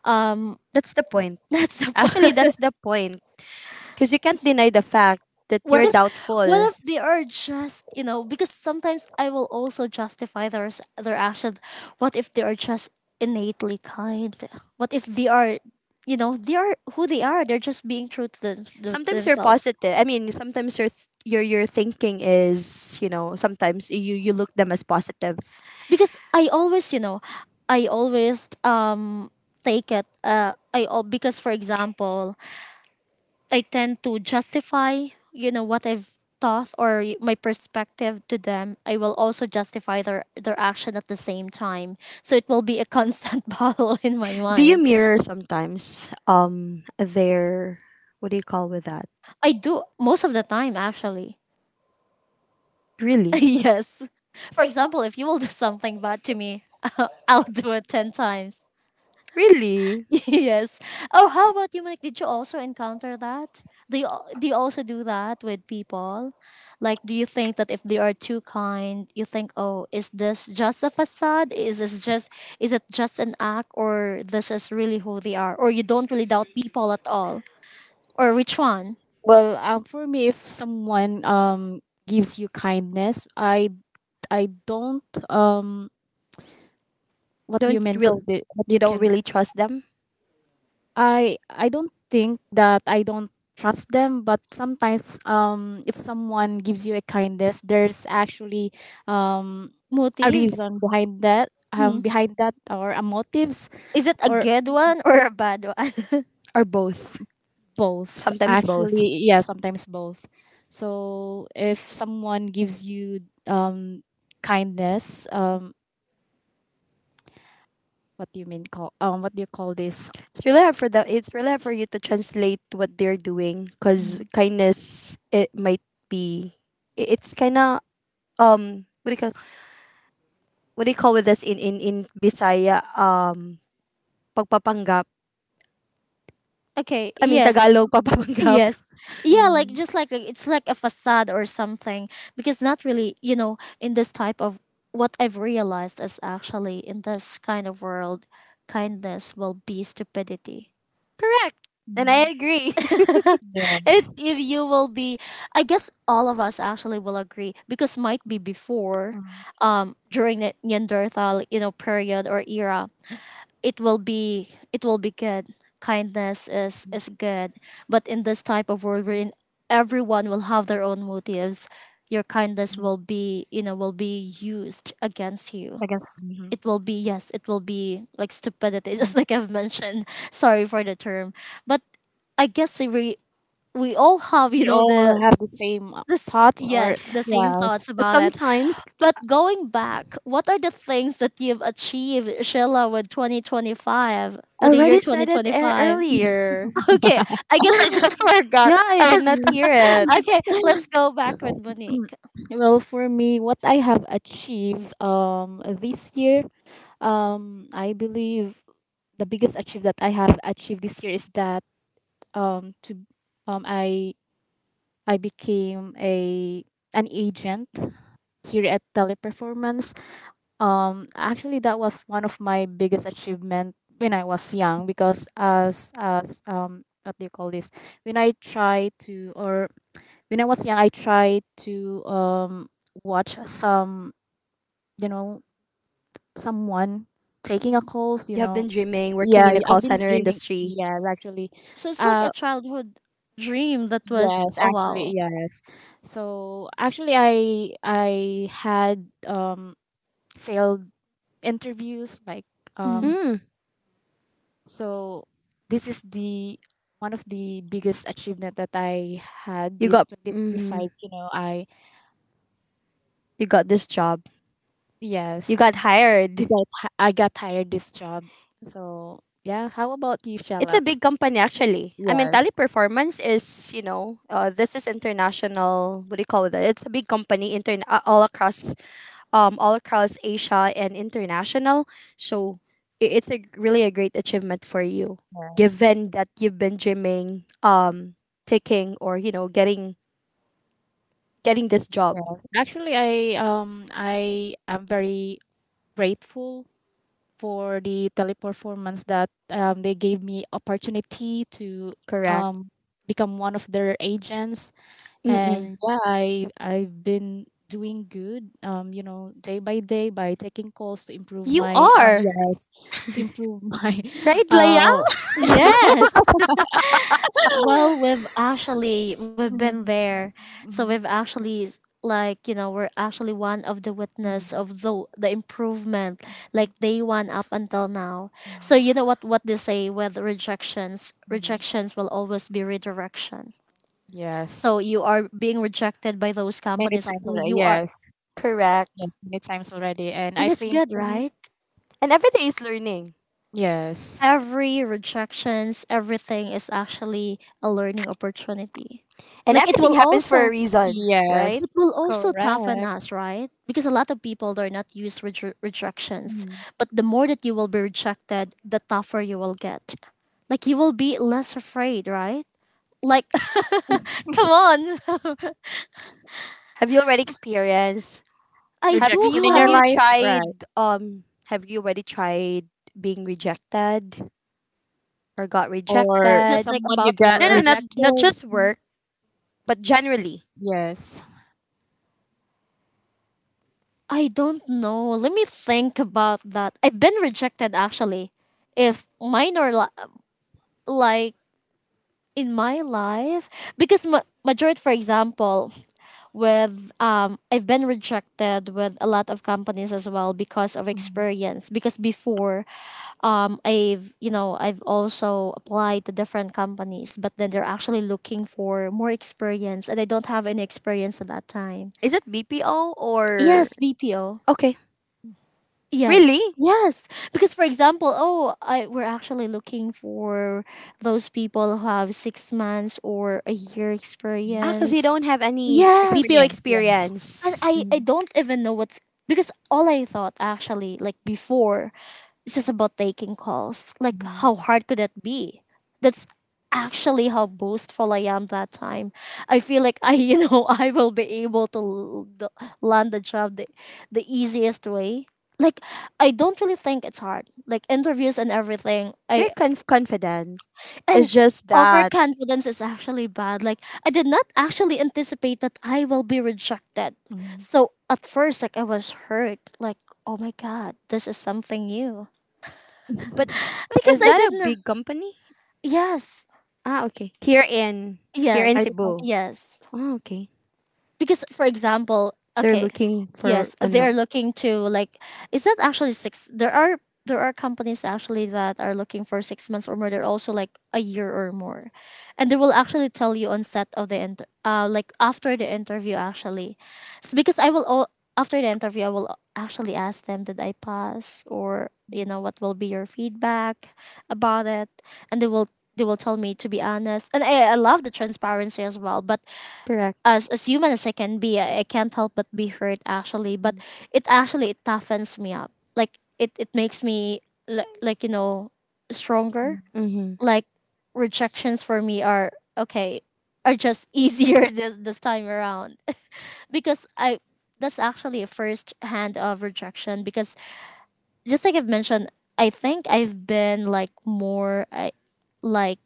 [SPEAKER 3] um
[SPEAKER 1] That's the point.
[SPEAKER 3] [LAUGHS] that's the
[SPEAKER 1] Actually,
[SPEAKER 3] point.
[SPEAKER 1] that's the point. Because you can't deny the fact that
[SPEAKER 3] what
[SPEAKER 1] you're
[SPEAKER 3] if what
[SPEAKER 1] doubtful.
[SPEAKER 3] if they are just you know because sometimes I will also justify their s- their actions. What if they are just innately kind. What if they are, you know, they are who they are, they're just being true to them, to
[SPEAKER 1] Sometimes you're
[SPEAKER 3] themselves.
[SPEAKER 1] positive. I mean, sometimes your th- your your thinking is, you know sometimes you you look them as positive.
[SPEAKER 3] Because I always, you know, I always um take it uh I all because for example I tend to justify, you know, what I've thought or y- my perspective to them. I will also justify their their action at the same time. So it will be a constant [LAUGHS] battle in my
[SPEAKER 1] Do you
[SPEAKER 3] mind.
[SPEAKER 1] mirror sometimes, um their, what do you call with that?
[SPEAKER 3] I do most of the time actually. [LAUGHS]
[SPEAKER 1] Really?
[SPEAKER 3] Yes. For example, if you will do something bad to me, [LAUGHS] I'll do it ten times.
[SPEAKER 1] Really?
[SPEAKER 3] [LAUGHS] Yes. Oh, how about you, Mike? Did you also encounter that? Do you al- do you also do that with people? Like, do you think that if they are too kind, you think, oh, is this just a facade? Is this just, is it just an act, or this is really who they are? Or you don't really doubt people at all? Or which one?
[SPEAKER 2] Well, um, for me, if someone um gives you kindness, I I don't um what do you
[SPEAKER 1] Don't
[SPEAKER 2] mean
[SPEAKER 1] real
[SPEAKER 2] call it? What do you
[SPEAKER 1] You don't
[SPEAKER 2] can
[SPEAKER 1] really trust them.
[SPEAKER 2] I I don't think that I don't trust them, but sometimes um if someone gives you a kindness, there's actually um a
[SPEAKER 3] Motives?
[SPEAKER 2] reason behind that um
[SPEAKER 3] Mm.
[SPEAKER 2] behind that or a motives
[SPEAKER 3] Is it a
[SPEAKER 2] or
[SPEAKER 3] good one or a bad one?
[SPEAKER 1] Or both?
[SPEAKER 2] both,
[SPEAKER 1] Sometimes both.
[SPEAKER 2] actually, yeah, sometimes both. So if someone gives you um kindness um what do you mean call um what do you call this.
[SPEAKER 1] It's really hard for them. It's really hard for you to translate what they're doing because
[SPEAKER 2] Mm,
[SPEAKER 1] kindness it might be, i- it's kind of, um what do you call what do you call with this in, in in Bisaya, um pagpapanggap.
[SPEAKER 3] [LAUGHS] Okay.
[SPEAKER 1] I mean,
[SPEAKER 3] Yes.
[SPEAKER 1] Tagalog. [LAUGHS] Pagpapanggap.
[SPEAKER 3] Yes. Yeah, like
[SPEAKER 2] mm,
[SPEAKER 3] just like a- it's like a facade or something because not really, you know, in this type of, what I've realized is actually in this kind of world, kindness will be stupidity.
[SPEAKER 1] Correct. And
[SPEAKER 2] mhm,
[SPEAKER 1] I agree.
[SPEAKER 3] [LAUGHS] It
[SPEAKER 2] yes.
[SPEAKER 3] if you will be, I guess all of us actually will agree because might be before,
[SPEAKER 2] Mm,
[SPEAKER 3] um during the Neanderthal, you know, period or era, it will be it will be good. Kindness is
[SPEAKER 2] mm,
[SPEAKER 3] is good, but in this type of world wherein everyone will have their own motives, your kindness
[SPEAKER 2] mm.
[SPEAKER 3] will be, you know, will be used against you.
[SPEAKER 2] I guess mhm,
[SPEAKER 3] It will be, yes, it will be like stupidity, [LAUGHS] just
[SPEAKER 2] mhm.
[SPEAKER 3] like I've mentioned. Sorry for the term, but I guess we we all have, you
[SPEAKER 2] We
[SPEAKER 3] know,
[SPEAKER 2] all
[SPEAKER 3] the,
[SPEAKER 2] have the same uh,
[SPEAKER 3] this,
[SPEAKER 2] thoughts or
[SPEAKER 3] yes, the same thoughts
[SPEAKER 2] yes.
[SPEAKER 1] [LAUGHS]
[SPEAKER 3] about it.
[SPEAKER 1] Sometimes.
[SPEAKER 3] But going back, what are the things that you've achieved, Sheila, with twenty twenty-five,
[SPEAKER 1] I
[SPEAKER 3] with the year
[SPEAKER 1] already said it ear
[SPEAKER 3] twenty twenty-five?
[SPEAKER 1] earlier.
[SPEAKER 3] [LAUGHS] Okay, I guess I just [LAUGHS]
[SPEAKER 2] [LAUGHS]
[SPEAKER 3] forgot.
[SPEAKER 1] Yeah, I
[SPEAKER 3] I
[SPEAKER 1] did not
[SPEAKER 3] was,
[SPEAKER 1] hear it.
[SPEAKER 3] [LAUGHS] okay, let's go back with Monique.
[SPEAKER 2] Well, for me, what I have achieved um this year, um I believe the biggest achievement that I have achieved this year is that um to um I I became a an agent here at Teleperformance. Um, actually, that was one of my biggest achievement when I was young because as as um what do you call this? When I try to or when I was young, I tried to um watch some you know someone taking a
[SPEAKER 3] Mhm.
[SPEAKER 2] calls. You
[SPEAKER 1] You have
[SPEAKER 2] know,
[SPEAKER 1] been dreaming, working
[SPEAKER 2] yeah,
[SPEAKER 1] in a
[SPEAKER 2] I've
[SPEAKER 1] call
[SPEAKER 2] been
[SPEAKER 1] center
[SPEAKER 2] dreaming.
[SPEAKER 1] industry.
[SPEAKER 2] Yes, actually.
[SPEAKER 3] So it's like a
[SPEAKER 2] Uh,
[SPEAKER 3] childhood dream that was,
[SPEAKER 2] yes,
[SPEAKER 3] oh
[SPEAKER 2] actually,
[SPEAKER 3] wow.
[SPEAKER 2] yes. So actually, I I had um failed interviews like
[SPEAKER 3] Mhm.
[SPEAKER 2] um
[SPEAKER 1] Mm,
[SPEAKER 2] so this is the one of the biggest achievement that I had
[SPEAKER 1] you
[SPEAKER 2] this
[SPEAKER 1] got mm-hmm,
[SPEAKER 2] twenty twenty-five, you know, I
[SPEAKER 1] you got this job. You
[SPEAKER 2] yes.
[SPEAKER 1] got
[SPEAKER 2] I
[SPEAKER 1] hired.
[SPEAKER 2] got hi- I got hired this job, so yeah, how about you,
[SPEAKER 1] It's
[SPEAKER 2] Shella?
[SPEAKER 1] a big company actually. I mean,
[SPEAKER 2] Yes,
[SPEAKER 1] Teleperformance is, you know uh, this is international. What do you call it? It's a big company intern uh, all across, um, all across Asia and international. So, i- it's a really a great achievement for you,
[SPEAKER 2] yes,
[SPEAKER 1] given that you've been dreaming, um, taking, or you know getting getting this job.
[SPEAKER 2] yes, actually, I um I am very grateful for the teleperformance that um, they gave me opportunity to
[SPEAKER 1] Correct.
[SPEAKER 2] um become one of their agents,
[SPEAKER 1] Mm-mm.
[SPEAKER 2] and yeah, I I've been doing good um you know day by day by taking calls to improve
[SPEAKER 1] You
[SPEAKER 2] my um
[SPEAKER 1] are
[SPEAKER 2] yes to improve my
[SPEAKER 1] right,
[SPEAKER 2] [LAUGHS]
[SPEAKER 1] Leia.
[SPEAKER 2] uh [LAUGHS]
[SPEAKER 3] Yes. Well, we've actually we've been
[SPEAKER 2] Mhm,
[SPEAKER 3] there, so we've
[SPEAKER 2] mhm,
[SPEAKER 3] actually s- like, you know, we're actually one of the witness
[SPEAKER 2] mhm,
[SPEAKER 3] of the the improvement, like day one up until now. So
[SPEAKER 2] mhm,
[SPEAKER 3] you know what what they say with rejections,
[SPEAKER 2] mhm.
[SPEAKER 3] rejections will always be redirection.
[SPEAKER 2] Yes,
[SPEAKER 3] So you are being rejected by those
[SPEAKER 2] many
[SPEAKER 3] companies
[SPEAKER 2] times
[SPEAKER 3] who
[SPEAKER 2] already,
[SPEAKER 3] you are,
[SPEAKER 2] yes.
[SPEAKER 1] Correct.
[SPEAKER 2] Yes, many times already and
[SPEAKER 3] and
[SPEAKER 2] I
[SPEAKER 3] it's
[SPEAKER 2] think
[SPEAKER 3] good,
[SPEAKER 2] mhm,
[SPEAKER 3] right?
[SPEAKER 1] And everything is learning,
[SPEAKER 2] yes,
[SPEAKER 3] Every rejections, everything is actually a learning opportunity.
[SPEAKER 1] and
[SPEAKER 3] Like it
[SPEAKER 1] everything
[SPEAKER 3] will
[SPEAKER 1] happens for a
[SPEAKER 3] also
[SPEAKER 1] reason, right?
[SPEAKER 2] yes,
[SPEAKER 3] it will also toughen
[SPEAKER 2] correct.
[SPEAKER 3] us, right? Because a lot of people they're not used with rejections.
[SPEAKER 2] Mhm.
[SPEAKER 3] But the more that you will be rejected, the tougher you will get. Like you will be less afraid, right? Like, [LAUGHS] come on.
[SPEAKER 1] Have you already experienced?
[SPEAKER 3] [LAUGHS] I
[SPEAKER 1] Have
[SPEAKER 3] do
[SPEAKER 2] Rejection
[SPEAKER 1] you
[SPEAKER 2] in
[SPEAKER 1] have
[SPEAKER 2] your
[SPEAKER 1] you
[SPEAKER 3] have.
[SPEAKER 2] life, right?
[SPEAKER 1] tried? Um, have you already tried being rejected or got
[SPEAKER 2] Or
[SPEAKER 3] Is it
[SPEAKER 1] rejected?
[SPEAKER 3] like
[SPEAKER 2] someone you
[SPEAKER 3] about
[SPEAKER 2] got
[SPEAKER 1] No, no,
[SPEAKER 3] work?
[SPEAKER 1] not
[SPEAKER 2] rejected?
[SPEAKER 1] not just work, but generally.
[SPEAKER 2] Yes.
[SPEAKER 3] I don't know. Let me think about that. I've been rejected actually, if minor li- like in my life because ma- majority, for example, with um I've been rejected with a lot of companies as well because of experience, because before um I've, you know, I've also applied to different companies but then they're actually looking for more experience and I don't have any experience at that time.
[SPEAKER 1] Is it B P O or
[SPEAKER 3] Yes, B P O.
[SPEAKER 1] okay? Really?
[SPEAKER 3] Yes. Yes. Because for example, oh, I we're actually looking for those people who have six months or a year
[SPEAKER 2] Mm.
[SPEAKER 1] Ah, because you
[SPEAKER 3] experience.
[SPEAKER 1] don't have any B P O
[SPEAKER 3] Yes.
[SPEAKER 2] Experience, yes.
[SPEAKER 3] And
[SPEAKER 1] experience.
[SPEAKER 3] I I
[SPEAKER 2] Mm,
[SPEAKER 3] don't even know what's, because all I thought actually, like before, it's just about taking calls. Like
[SPEAKER 2] mhm,
[SPEAKER 3] how hard could that be? That's actually how boastful I am that time. I feel like I [LAUGHS] you know I will be able to l- the- land the job the, the easiest way. Like I don't really think it's hard. Like interviews and everything.
[SPEAKER 1] You're
[SPEAKER 3] I,
[SPEAKER 1] conf- confident.
[SPEAKER 3] and
[SPEAKER 1] It's just that.
[SPEAKER 3] overconfidence is actually bad. Like I did not actually anticipate that I will be rejected.
[SPEAKER 2] mm.
[SPEAKER 3] So at first like I was hurt. Like, oh my god, this is something new.
[SPEAKER 1] But
[SPEAKER 2] [LAUGHS]
[SPEAKER 3] Because
[SPEAKER 1] is
[SPEAKER 3] I
[SPEAKER 1] that
[SPEAKER 3] did
[SPEAKER 1] a
[SPEAKER 3] not.
[SPEAKER 1] big company?
[SPEAKER 3] Yes.
[SPEAKER 1] Ah, okay. Here in here in
[SPEAKER 2] I
[SPEAKER 3] Yes.
[SPEAKER 2] did not.
[SPEAKER 1] Cebu.
[SPEAKER 3] Yes.
[SPEAKER 1] Ah, okay.
[SPEAKER 3] Because for example,
[SPEAKER 1] They're
[SPEAKER 3] okay,
[SPEAKER 1] looking for
[SPEAKER 3] yes,
[SPEAKER 1] ano?
[SPEAKER 3] they're looking to like, is that actually six, there are, there are companies actually that are looking for six months or more, they're also like a year or more, and they will actually tell you on set of the inter- uh like after the interview actually. So because I will all after the interview I will actually ask them, did I pass or you
[SPEAKER 2] Mm,
[SPEAKER 3] know what will be your feedback about it, and they will they will tell me to be honest, and i, I love the transparency as well, but
[SPEAKER 1] Correct.
[SPEAKER 3] as as human as I can be, I, I can't help but be hurt actually. But
[SPEAKER 2] mm,
[SPEAKER 3] it actually it toughens me up. Like it it makes me, li- like you know, stronger.
[SPEAKER 2] mm.
[SPEAKER 1] Mm-hmm.
[SPEAKER 3] Like rejections for me are, okay, are just easier [LAUGHS] this this time around because I, that's actually a first hand of rejection because just like I've mentioned, I think I've been like more I, like,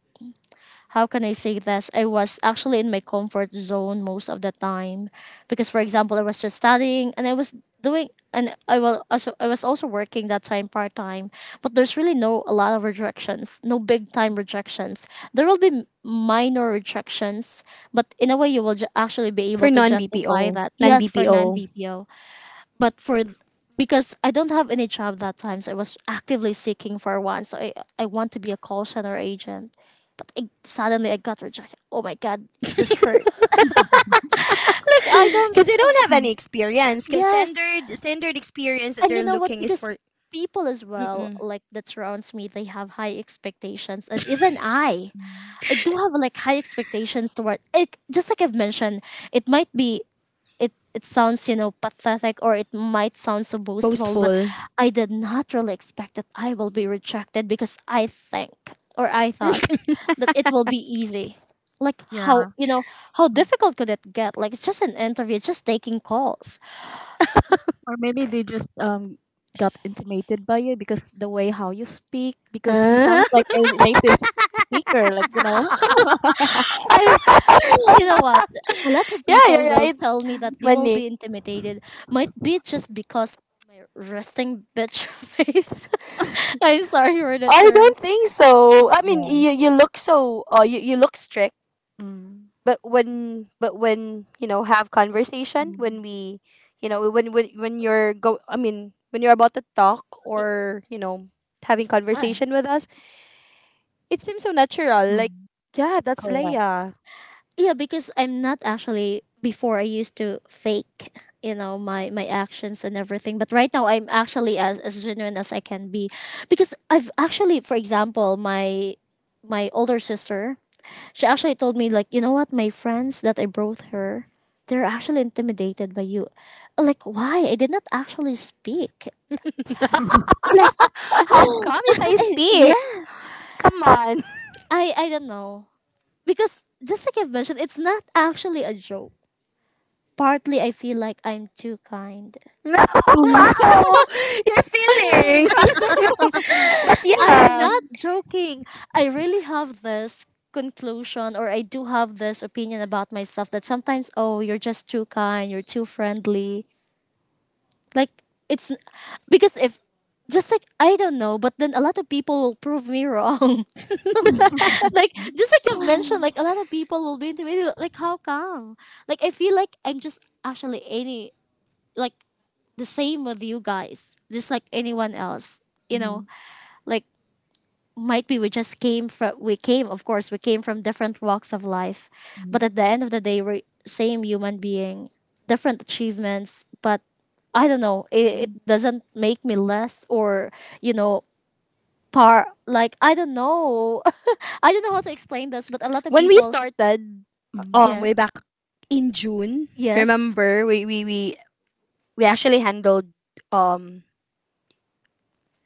[SPEAKER 3] how can I say this? I was actually in my comfort zone most of the time because, for example, I was just studying and I was doing, and I will also I was also working that time part time, but there's really no a lot of rejections, no big time rejections. There will be m- minor rejections, but in a way you will ju- actually be
[SPEAKER 1] For
[SPEAKER 3] able to
[SPEAKER 1] non
[SPEAKER 3] justify
[SPEAKER 1] B P O,
[SPEAKER 3] that.
[SPEAKER 1] non
[SPEAKER 3] Yes, for non
[SPEAKER 1] BPO,
[SPEAKER 3] B P O, but for th- because I don't have any job that time, so I was actively seeking for one. So I, I want to be a call center agent, but I, suddenly I got rejected. Oh my god, this hurts. [LAUGHS] Like I don't.
[SPEAKER 1] because they don't have any
[SPEAKER 2] Mhm.
[SPEAKER 1] experience. Because
[SPEAKER 3] Yes,
[SPEAKER 1] standard standard experience that
[SPEAKER 3] and you
[SPEAKER 1] they're
[SPEAKER 3] know what?
[SPEAKER 1] looking is
[SPEAKER 3] Because
[SPEAKER 1] for.
[SPEAKER 3] people as well,
[SPEAKER 1] Mm-mm.
[SPEAKER 3] like that surrounds me, they have high expectations, and even I, I do have like high expectations toward. It, just like I've mentioned, it might be, it it sounds you know pathetic or it might sound so boastful, but
[SPEAKER 1] Boastful.
[SPEAKER 3] I did not really expect that I will be rejected because I think, or I thought, that it will be easy, like
[SPEAKER 2] Yeah.
[SPEAKER 3] how, you know, how difficult could it get, like it's just an interview, it's just taking calls.
[SPEAKER 2] Or maybe they just um got intimidated by you because the way how you speak because you
[SPEAKER 1] Uh,
[SPEAKER 2] sounds like
[SPEAKER 1] [LAUGHS]
[SPEAKER 2] a native speaker like you know.
[SPEAKER 3] I, you know
[SPEAKER 2] [LAUGHS]
[SPEAKER 3] what, a lot of
[SPEAKER 1] yeah,
[SPEAKER 3] people
[SPEAKER 1] you're
[SPEAKER 3] will
[SPEAKER 1] right,
[SPEAKER 3] tell me that they will
[SPEAKER 1] Manik.
[SPEAKER 3] be intimidated, might be just because of my resting bitch [LAUGHS] face, I'm sorry for the
[SPEAKER 1] I
[SPEAKER 3] term.
[SPEAKER 1] don't think so. I mean,
[SPEAKER 2] Yeah.
[SPEAKER 1] you, you look so, uh, you, you look strict,
[SPEAKER 2] Mm.
[SPEAKER 1] but when but when you know have conversation, when
[SPEAKER 2] Mm,
[SPEAKER 1] we, you know when when when you're go I mean, when you're about to talk, or you know having
[SPEAKER 3] I,
[SPEAKER 2] mm,
[SPEAKER 1] conversation with us, it seems so natural. Like,
[SPEAKER 2] mm.
[SPEAKER 1] yeah, that's
[SPEAKER 2] Correct.
[SPEAKER 1] Leia.
[SPEAKER 3] yeah, because I'm not actually, before I used to fake, you know, my my actions and everything, but right now I'm actually as as genuine as I can be because I've actually, for example, my my older sister, she actually told me like, "You know what? My friends that I brought her, they're actually intimidated by you." I'm like, "Why? I did not actually speak." Like,
[SPEAKER 1] How come
[SPEAKER 2] [LAUGHS]
[SPEAKER 1] if I
[SPEAKER 3] [LAUGHS] eh,
[SPEAKER 1] speak?
[SPEAKER 3] yeah,
[SPEAKER 1] Come on. [LAUGHS]
[SPEAKER 3] I I don't know. Because just like I've mentioned, it's not actually a joke. Partly I feel like I'm too kind.
[SPEAKER 1] No,
[SPEAKER 2] Mhm,
[SPEAKER 1] wow, you're feeling. [LAUGHS] But
[SPEAKER 3] I'm
[SPEAKER 1] yeah.
[SPEAKER 3] not
[SPEAKER 2] [LAUGHS]
[SPEAKER 3] joking. I really have this conclusion, or I do have this opinion about myself that sometimes, oh you're just too kind, you're too friendly. Like it's, because if, just like I don't know, but then a lot of people will prove me wrong. [LAUGHS] Like just like you've mentioned, like a lot of people will be intimidated. Like how come? Like I feel like I'm just actually any, like the same with you guys, just like anyone else. You know,
[SPEAKER 2] Mm,
[SPEAKER 3] like might be we just came from, we came, of course we came from different walks of life, but
[SPEAKER 2] mm,
[SPEAKER 3] at the end of the day we're same human being, different achievements, but I don't know, it, it doesn't make me less or, you know, par, like I don't know, [LAUGHS] I don't know how to explain this, but a lot of
[SPEAKER 1] When we
[SPEAKER 3] people,
[SPEAKER 1] started,
[SPEAKER 2] mm,
[SPEAKER 1] um
[SPEAKER 3] yeah,
[SPEAKER 1] way back in June,
[SPEAKER 3] yes,
[SPEAKER 1] remember we we we, we actually handled, um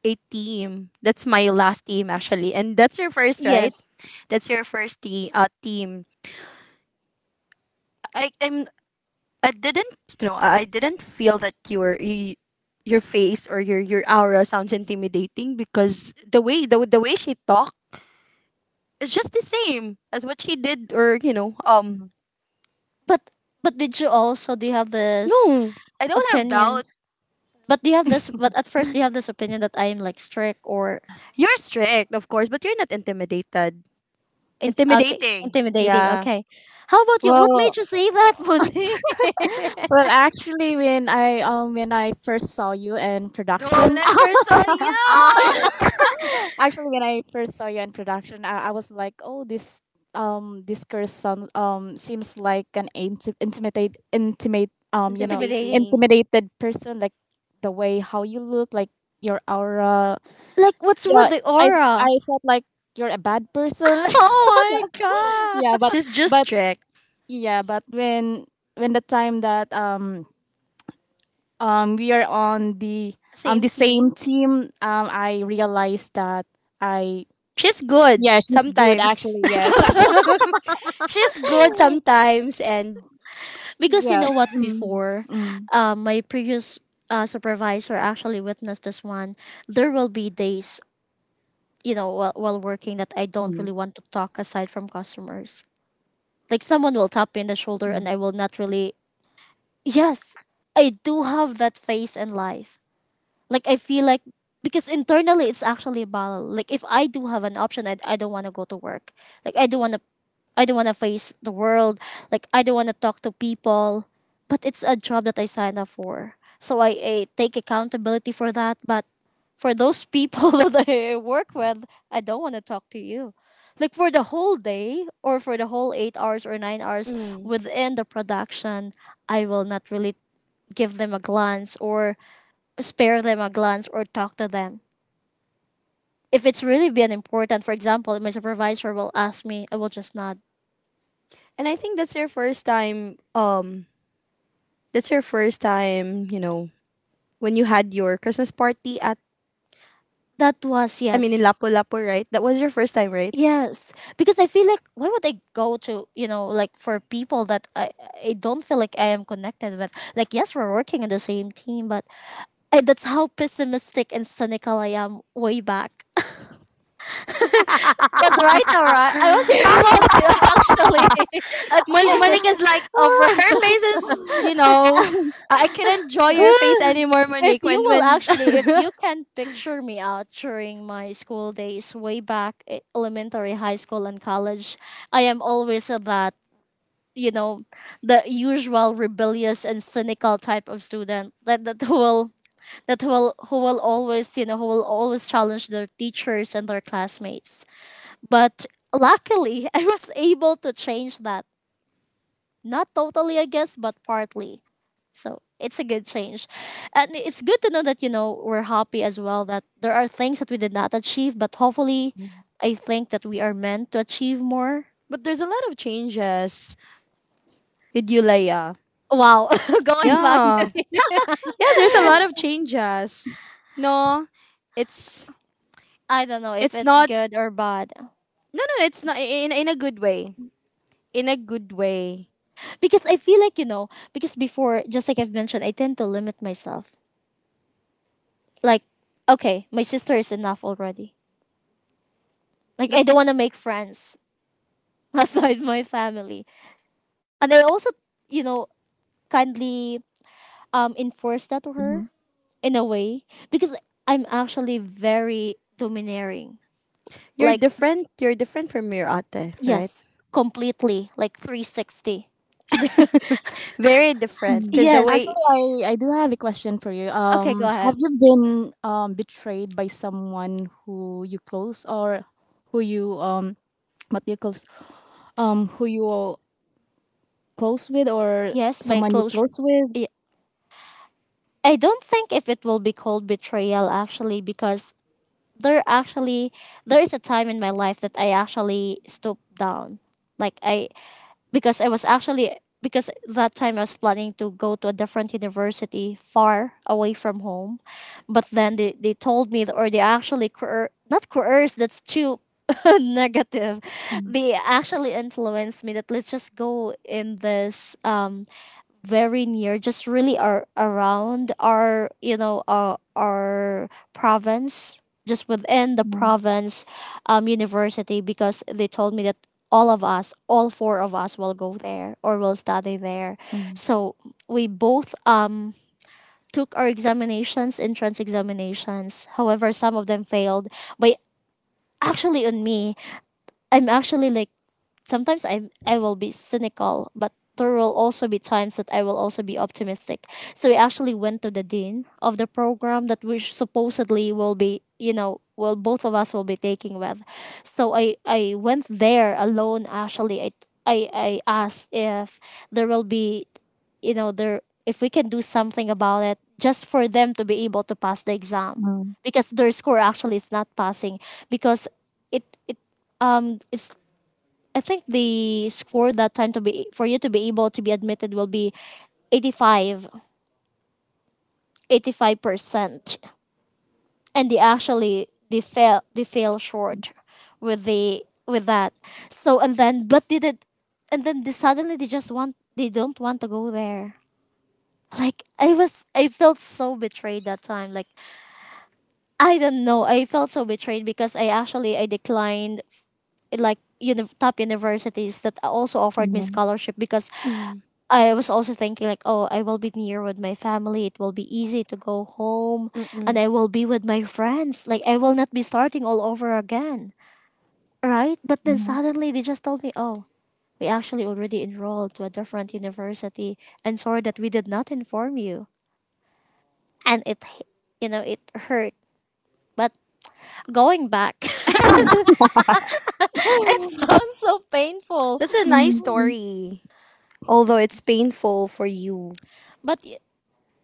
[SPEAKER 1] a team. That's my last team actually. And that's your first, right?
[SPEAKER 3] yes,
[SPEAKER 1] That's your first te- uh, team. I am I didn't you know I I didn't feel that your you, your face or your your aura sounds intimidating, because the way the, the way she talked is just the same as what she did, or you know um
[SPEAKER 2] mhm.
[SPEAKER 3] but but did you also do you have this
[SPEAKER 1] no, I don't have
[SPEAKER 3] opinion,
[SPEAKER 1] doubts.
[SPEAKER 3] but do you have this, but at first do you have this opinion that I am like strict or,
[SPEAKER 1] You're strict, of course, but you're not intimidated.
[SPEAKER 3] in- okay,
[SPEAKER 1] Intimidating.
[SPEAKER 3] intimidating.
[SPEAKER 1] Yeah.
[SPEAKER 3] Okay, how about you? What
[SPEAKER 2] Well.
[SPEAKER 3] made you say that, Monique? [LAUGHS]
[SPEAKER 2] Well, actually, when I um when I first saw you in
[SPEAKER 1] Dude, when
[SPEAKER 2] production,
[SPEAKER 1] I first saw
[SPEAKER 3] Ah,
[SPEAKER 1] you!
[SPEAKER 2] [LAUGHS] actually when I first saw you in production, I, I was like, oh, this um this girl sounds um seems like an inti- intimidate intimate
[SPEAKER 1] [LAUGHS]
[SPEAKER 2] um you know
[SPEAKER 3] intimidating.
[SPEAKER 1] Intimidating.
[SPEAKER 2] intimidated person like the way how you look like your aura.
[SPEAKER 3] Like, what's with
[SPEAKER 2] Yeah,
[SPEAKER 3] the
[SPEAKER 2] I
[SPEAKER 3] aura?
[SPEAKER 2] I felt like you're a bad person.
[SPEAKER 3] [LAUGHS] Oh my
[SPEAKER 2] [LAUGHS] Yeah,
[SPEAKER 3] god.
[SPEAKER 2] but
[SPEAKER 1] She's just
[SPEAKER 2] but
[SPEAKER 1] strict.
[SPEAKER 2] yeah, but when when the time that um um we are on the um
[SPEAKER 3] Same
[SPEAKER 2] the same
[SPEAKER 3] team.
[SPEAKER 2] team, um I realized that I
[SPEAKER 1] She's good
[SPEAKER 2] yeah she's good
[SPEAKER 1] sometimes.
[SPEAKER 2] actually
[SPEAKER 3] [LAUGHS]
[SPEAKER 2] yes.
[SPEAKER 3] Sounds,
[SPEAKER 2] [LAUGHS]
[SPEAKER 1] [LAUGHS] She's good sometimes and.
[SPEAKER 3] because you
[SPEAKER 2] Yeah
[SPEAKER 3] know what?
[SPEAKER 2] mm,
[SPEAKER 3] Before,
[SPEAKER 2] mm,
[SPEAKER 3] uh, my previous uh, supervisor actually witnessed this one. There will be days, you know, while, while working that I don't
[SPEAKER 2] mm,
[SPEAKER 3] really want to talk aside from customers. Like someone will tap me in the shoulder, and
[SPEAKER 2] mm.
[SPEAKER 3] I will not really. [LAUGHS] Yes, I do have that phase in life. Like I feel like, because internally it's actually a battle. Like if I do have an option, I, I don't want to go to work. Like I don't want to I don't want to face the world. Like I don't want to talk to people. But it's a job that I signed up for. So I, I take accountability for that. But for those people [LAUGHS] that I work with, I don't want to talk to you. Like for the whole day or for the whole eight hours or nine hours
[SPEAKER 1] Mm.
[SPEAKER 3] within the production, I will not really give them a glance or spare them a glance or talk to them. If it's really been important, for example, my supervisor will ask me, I will just nod.
[SPEAKER 1] And I think that's your first time um that's your first time, you know, when you had your Christmas party at,
[SPEAKER 3] That was,
[SPEAKER 1] I mean, in
[SPEAKER 3] yes.
[SPEAKER 1] Lapu-Lapu, right? That was your first time, right?
[SPEAKER 3] Yes. Because I feel like why would I go to, you know, like for people that I, I don't feel like I am connected with. Like yes, we're working in the same team, but I, that's how pessimistic and cynical I am way back. But right now, right, I was able to [LAUGHS] actually [LAUGHS]
[SPEAKER 1] Mon-
[SPEAKER 3] achieve
[SPEAKER 1] Monique is like, her
[SPEAKER 3] over.
[SPEAKER 1] face is, you know, I I could enjoy your face
[SPEAKER 2] [LAUGHS]
[SPEAKER 1] anymore,
[SPEAKER 3] If
[SPEAKER 1] Monique.
[SPEAKER 3] you
[SPEAKER 1] When
[SPEAKER 3] will
[SPEAKER 1] when,
[SPEAKER 3] actually, if you can picture me out during my school days, way back e- elementary, high school, and college, I am always a that you know the usual rebellious and cynical type of student that that will that will who will always you know who will always challenge their teachers and their classmates. But luckily, [LAUGHS] I was able to change that, not totally, I guess, but partly. So it's a good change. And it's good to know that, you know, we're happy as well that there are things that we did not achieve, but hopefully I think that we are meant to achieve more.
[SPEAKER 1] [LAUGHS] but there's a lot of changes with you, Leia.
[SPEAKER 3] Wow, [LAUGHS] going back
[SPEAKER 1] Yeah,
[SPEAKER 3] to,
[SPEAKER 1] yeah. There's a lot of changes. No, it's
[SPEAKER 3] I don't know if
[SPEAKER 1] it's
[SPEAKER 3] it's
[SPEAKER 1] not.
[SPEAKER 3] good or bad.
[SPEAKER 1] No, no, it's not, in in a good way. In a good way.
[SPEAKER 3] Because I feel like, you know, because before, just like I've mentioned, I tend to limit myself. Like, okay, my sister is enough already. Like,
[SPEAKER 1] But
[SPEAKER 3] I don't
[SPEAKER 1] y-
[SPEAKER 3] want to make friends [LAUGHS] aside my family. And I also, you know, kindly um enforce that to
[SPEAKER 2] Mhm.
[SPEAKER 3] her in a way because I'm actually very domineering.
[SPEAKER 1] you're
[SPEAKER 3] Like
[SPEAKER 1] different. You're different from your ate, right?
[SPEAKER 3] yes, completely like three sixty. [LAUGHS]
[SPEAKER 1] Very different.
[SPEAKER 2] Mm.
[SPEAKER 1] Cause the
[SPEAKER 3] yes.
[SPEAKER 1] way.
[SPEAKER 2] Actually, I, I do have a question for you.
[SPEAKER 3] Okay,
[SPEAKER 2] Um,
[SPEAKER 3] go ahead.
[SPEAKER 2] have you been um betrayed by someone who you close or who you um what do you close um who you close with or
[SPEAKER 3] Yes, my
[SPEAKER 2] someone you
[SPEAKER 3] close fr-
[SPEAKER 2] close with?
[SPEAKER 3] yeah. I don't think if it will be called betrayal actually, because there actually there is a time in my life that I actually stooped down. Like I, because I was actually, because that time I was planning to go to a different university far away from home, but then they, they told me, or they actually coer- not coerced, that's too [LAUGHS] negative.
[SPEAKER 2] Mm,
[SPEAKER 3] They actually influenced me that let's just go in this um very near, just really are around our you know our our province, just within the
[SPEAKER 2] mm,
[SPEAKER 3] province um, university, because they told me that all of us, all four of us, will go there or will study there.
[SPEAKER 2] mm,
[SPEAKER 3] So we both um took our examinations, entrance examinations. However, some of them failed. But actually on me, I'm actually like sometimes I I will be cynical, but there will also be times that I will also be optimistic. So we actually went to the dean of the program that we supposedly will be, you know, well, both of us will be taking with. So I I went there alone actually. I I, I asked if there will be, you know there, if we can do something about it just for them to be able to pass the exam
[SPEAKER 2] mm.
[SPEAKER 3] because their score actually is not passing, because it it um it's I think the score that time, to be for you to be able to be admitted, will be eighty five, eighty five percent, and they actually they fell they fell short with the with that. So and then but they did, and then they suddenly they just want they don't want to go there. Like i was I felt so betrayed that time. Like I don't know, I felt so betrayed because i actually I declined like uni- top universities that also offered me
[SPEAKER 2] Mhm.
[SPEAKER 3] scholarship, because I was also thinking like, oh, I will be near with my family. It will be easy to go home and I will be with my friends. Like I will not be starting all over again. Right? But then
[SPEAKER 2] Mhm.
[SPEAKER 3] suddenly they just told me, "Oh, we actually already enrolled to a different university, and sorry that we did not inform you." And it h- you know, it hurt. But going back, [LAUGHS] it sounds so painful.
[SPEAKER 1] That's a nice story, although it's painful for you.
[SPEAKER 3] But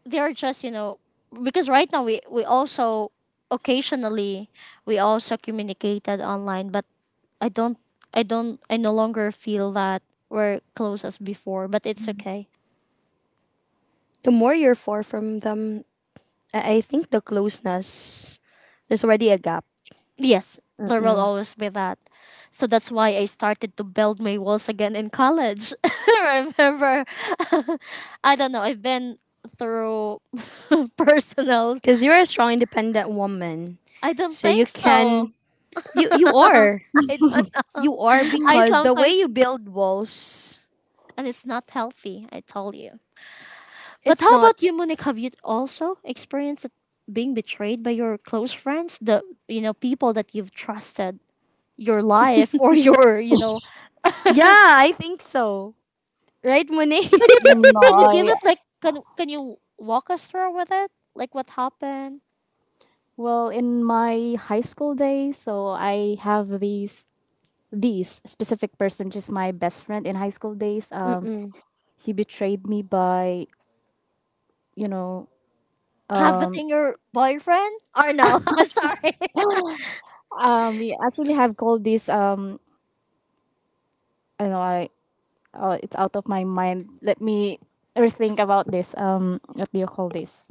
[SPEAKER 3] they're just, you know because right now we we also, occasionally, we also communicated online, but i don't i don't I no longer feel that we're close as before, but it's okay.
[SPEAKER 1] The more you're far from them, I, I think the closeness, there's already a gap.
[SPEAKER 3] Yes, there will
[SPEAKER 1] Because
[SPEAKER 3] always be that, so that's why I started to build my walls again in college. [LAUGHS] I remember, [LAUGHS] I don't know, I've been through [LAUGHS] personal.
[SPEAKER 1] you're a strong, independent woman.
[SPEAKER 3] I don't
[SPEAKER 1] So you
[SPEAKER 3] think
[SPEAKER 1] can,
[SPEAKER 3] so. [LAUGHS]
[SPEAKER 1] you, you are.
[SPEAKER 3] I don't know.
[SPEAKER 1] You are
[SPEAKER 3] I
[SPEAKER 1] because the way
[SPEAKER 3] sometimes,
[SPEAKER 1] you build walls,
[SPEAKER 3] and it's not healthy, I tell you. But
[SPEAKER 1] it's
[SPEAKER 3] how
[SPEAKER 1] not.
[SPEAKER 3] about you, Monique? Have you also experienced being betrayed by your close friends, the, you know people that you've trusted your life, or [LAUGHS] your, you know?
[SPEAKER 1] Yeah, I think so. Right, Monique?
[SPEAKER 3] Can you t-
[SPEAKER 2] No,
[SPEAKER 3] can you give
[SPEAKER 2] I
[SPEAKER 3] it like can can you walk us through with it? Like what happened?
[SPEAKER 2] well in my high school days, so I have these these specific person, which is my best friend in high school days. Um, he betrayed me by you know um.
[SPEAKER 3] Coveting your boyfriend or no? [LAUGHS] Sorry.
[SPEAKER 2] [GASPS] Um we actually have called this um I know I oh it's out of my mind. Let me rethink about this. Um, what do you call this?